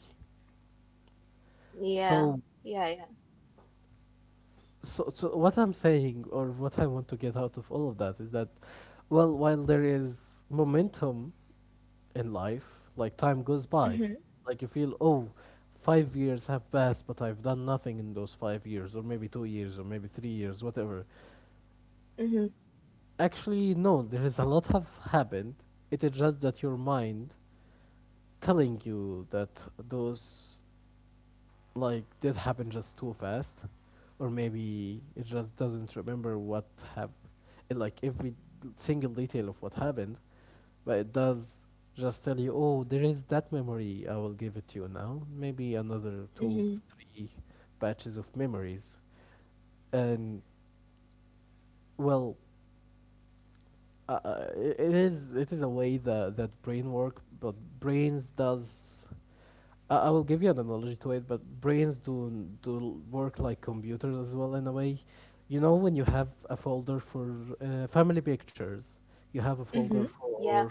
[SPEAKER 1] Yeah.
[SPEAKER 2] So
[SPEAKER 1] Yeah. Yeah.
[SPEAKER 2] so what I'm saying or what I want to get out of all of that is that well, while there is momentum in life. Like time goes by.
[SPEAKER 1] Hmm.
[SPEAKER 2] Like you feel, oh, 5 years have passed, but I've done nothing in those 5 years, or maybe 2 years, or maybe 3 years, whatever.
[SPEAKER 1] Hmm.
[SPEAKER 2] Actually, no, there is a lot have happened. It is just that your mind telling you that those like did happen just too fast, or maybe it just doesn't remember what have, like every single detail of what happened. But it does just tell you, oh, there is that memory. I will give it to you now. Maybe another two,
[SPEAKER 1] Mm-hmm.
[SPEAKER 2] three batches of memories. And well, it is a way that brain work, but brains does I will give you an analogy to it, but brains do n- do l- work like computers as well in a way. You know, when you have a folder for family pictures, you have a folder
[SPEAKER 1] Mm-hmm.
[SPEAKER 2] for
[SPEAKER 1] Yeah,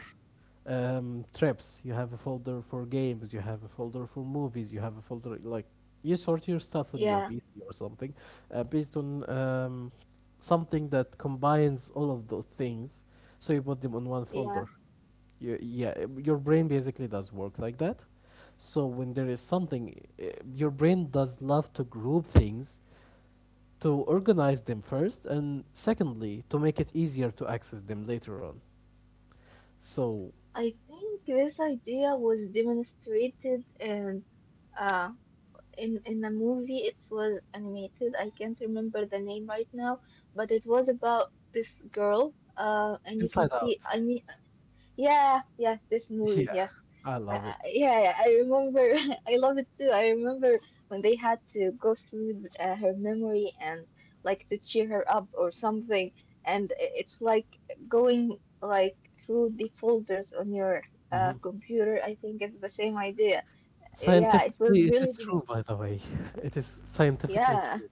[SPEAKER 2] trips, you have a folder for games, you have a folder for movies, you have a folder like you sort your stuff on
[SPEAKER 1] yeah,
[SPEAKER 2] your PC or something based on something that combines all of those things. So you put them on one folder.
[SPEAKER 1] yeah.
[SPEAKER 2] Yeah, your brain basically does work like that. So when there is something uh, your brain does love to group things to organize them first and secondly to make it easier to access them later on. So
[SPEAKER 1] I think this idea was demonstrated in uh in a movie. It was animated. I can't remember the name right now, but it was about this girl. And you can
[SPEAKER 2] inside
[SPEAKER 1] see.
[SPEAKER 2] out
[SPEAKER 1] I mean, yeah, yeah, this movie,
[SPEAKER 2] yeah,
[SPEAKER 1] yes.
[SPEAKER 2] I love it.
[SPEAKER 1] Yeah, yeah, I remember. I love it too. I remember when they had to go through her memory and like to cheer her up or something. And it's like going like through the folders on your
[SPEAKER 2] Hmm.
[SPEAKER 1] computer. I think it's the same idea. Yeah, it
[SPEAKER 2] Scientifically
[SPEAKER 1] was
[SPEAKER 2] it
[SPEAKER 1] really,
[SPEAKER 2] is true by the way. It is scientifically
[SPEAKER 1] yeah.
[SPEAKER 2] true,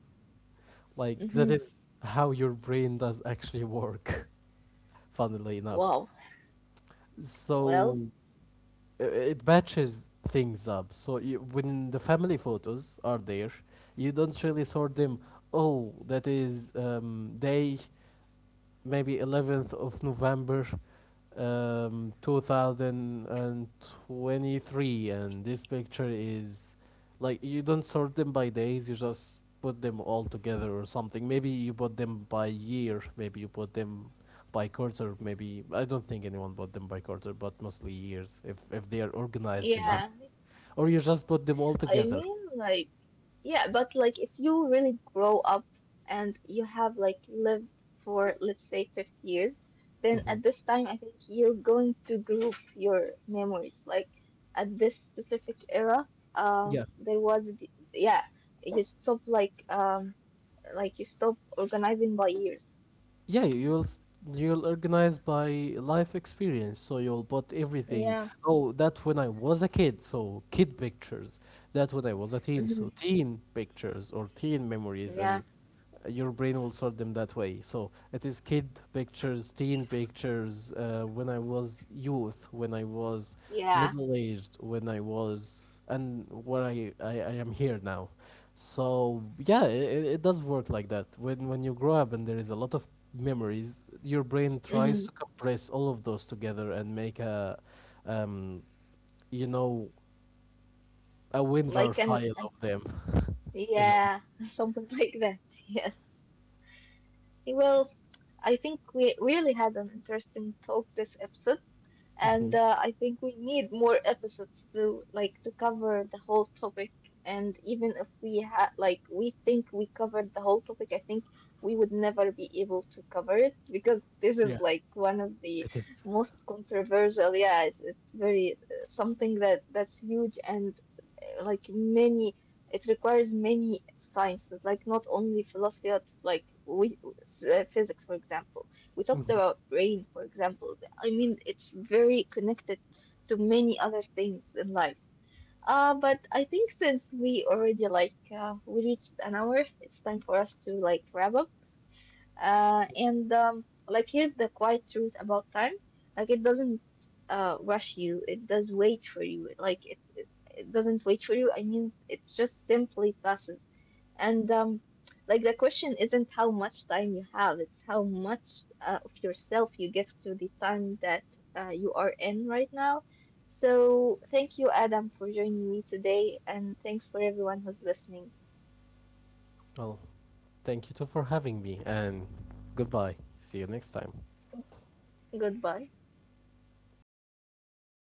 [SPEAKER 2] like that
[SPEAKER 1] Mm-hmm.
[SPEAKER 2] is how your brain does actually work funnily enough.
[SPEAKER 1] Wow. Well,
[SPEAKER 2] So it matches things up. So you, when the family photos are there, you don't really sort them. Oh, that is day maybe November 11th 2023 and this picture is like you don't sort them by days, you just put them all together or something, maybe you put them by year, maybe you put them by quarter, maybe I don't think anyone bought them by quarter but mostly years if they are organized enough,
[SPEAKER 1] yeah.
[SPEAKER 2] or you just put them all
[SPEAKER 1] I
[SPEAKER 2] together.
[SPEAKER 1] mean, like, yeah, but like if you really grow up and you have like lived for, let's say, 50 years, then
[SPEAKER 2] Hmm.
[SPEAKER 1] at this time, I think you're going to group your memories. Like at this specific era,
[SPEAKER 2] Yeah.
[SPEAKER 1] yeah, you stop like you stop organizing by years.
[SPEAKER 2] Yeah, you'll organize by life experience, so you'll put everything.
[SPEAKER 1] Yeah.
[SPEAKER 2] Oh, that when I was a kid, so kid pictures. That when I was a teen,
[SPEAKER 1] Hmm.
[SPEAKER 2] so teen pictures or teen memories, and
[SPEAKER 1] Yeah,
[SPEAKER 2] your brain will sort them that way. So it is kid pictures, teen pictures. When I was youth, when I was
[SPEAKER 1] yeah.
[SPEAKER 2] middle aged, when I was, and where I am here now. So yeah, it does work like that. When you grow up and there is a lot of memories, your brain tries to
[SPEAKER 1] Hmm.
[SPEAKER 2] compress all of those together and make a, um, you know, a WinRAR
[SPEAKER 1] Like
[SPEAKER 2] file of them, in a way.
[SPEAKER 1] yeah, something like that. Yes. Well, I think we really had an interesting talk this episode. And I think we need more episodes to like to cover the whole topic. And even if we had like we think we covered the whole topic, I think we would never be able to cover it because this
[SPEAKER 2] Yeah,
[SPEAKER 1] is like one of the
[SPEAKER 2] it is.
[SPEAKER 1] most controversial. Yeah, it's very something that that's huge and like many. It requires many sciences, like not only philosophy, but, like we physics, for example. We talked
[SPEAKER 2] Mhm.
[SPEAKER 1] about rain, for example. I mean, it's very connected to many other things in life. But I think since we already like we reached an hour, it's time for us to like wrap up. And like here's the quiet truth about time: like it doesn't rush you; it does wait for you. Like it doesn't wait for you. I mean, it just simply passes. And like the question isn't how much time you have, it's how much of yourself you give to the time that you are in right now. So thank you, Adam, for joining me today, and thanks for everyone who's listening.
[SPEAKER 2] Well, thank you too for having me, and goodbye. See you next time.
[SPEAKER 1] Goodbye.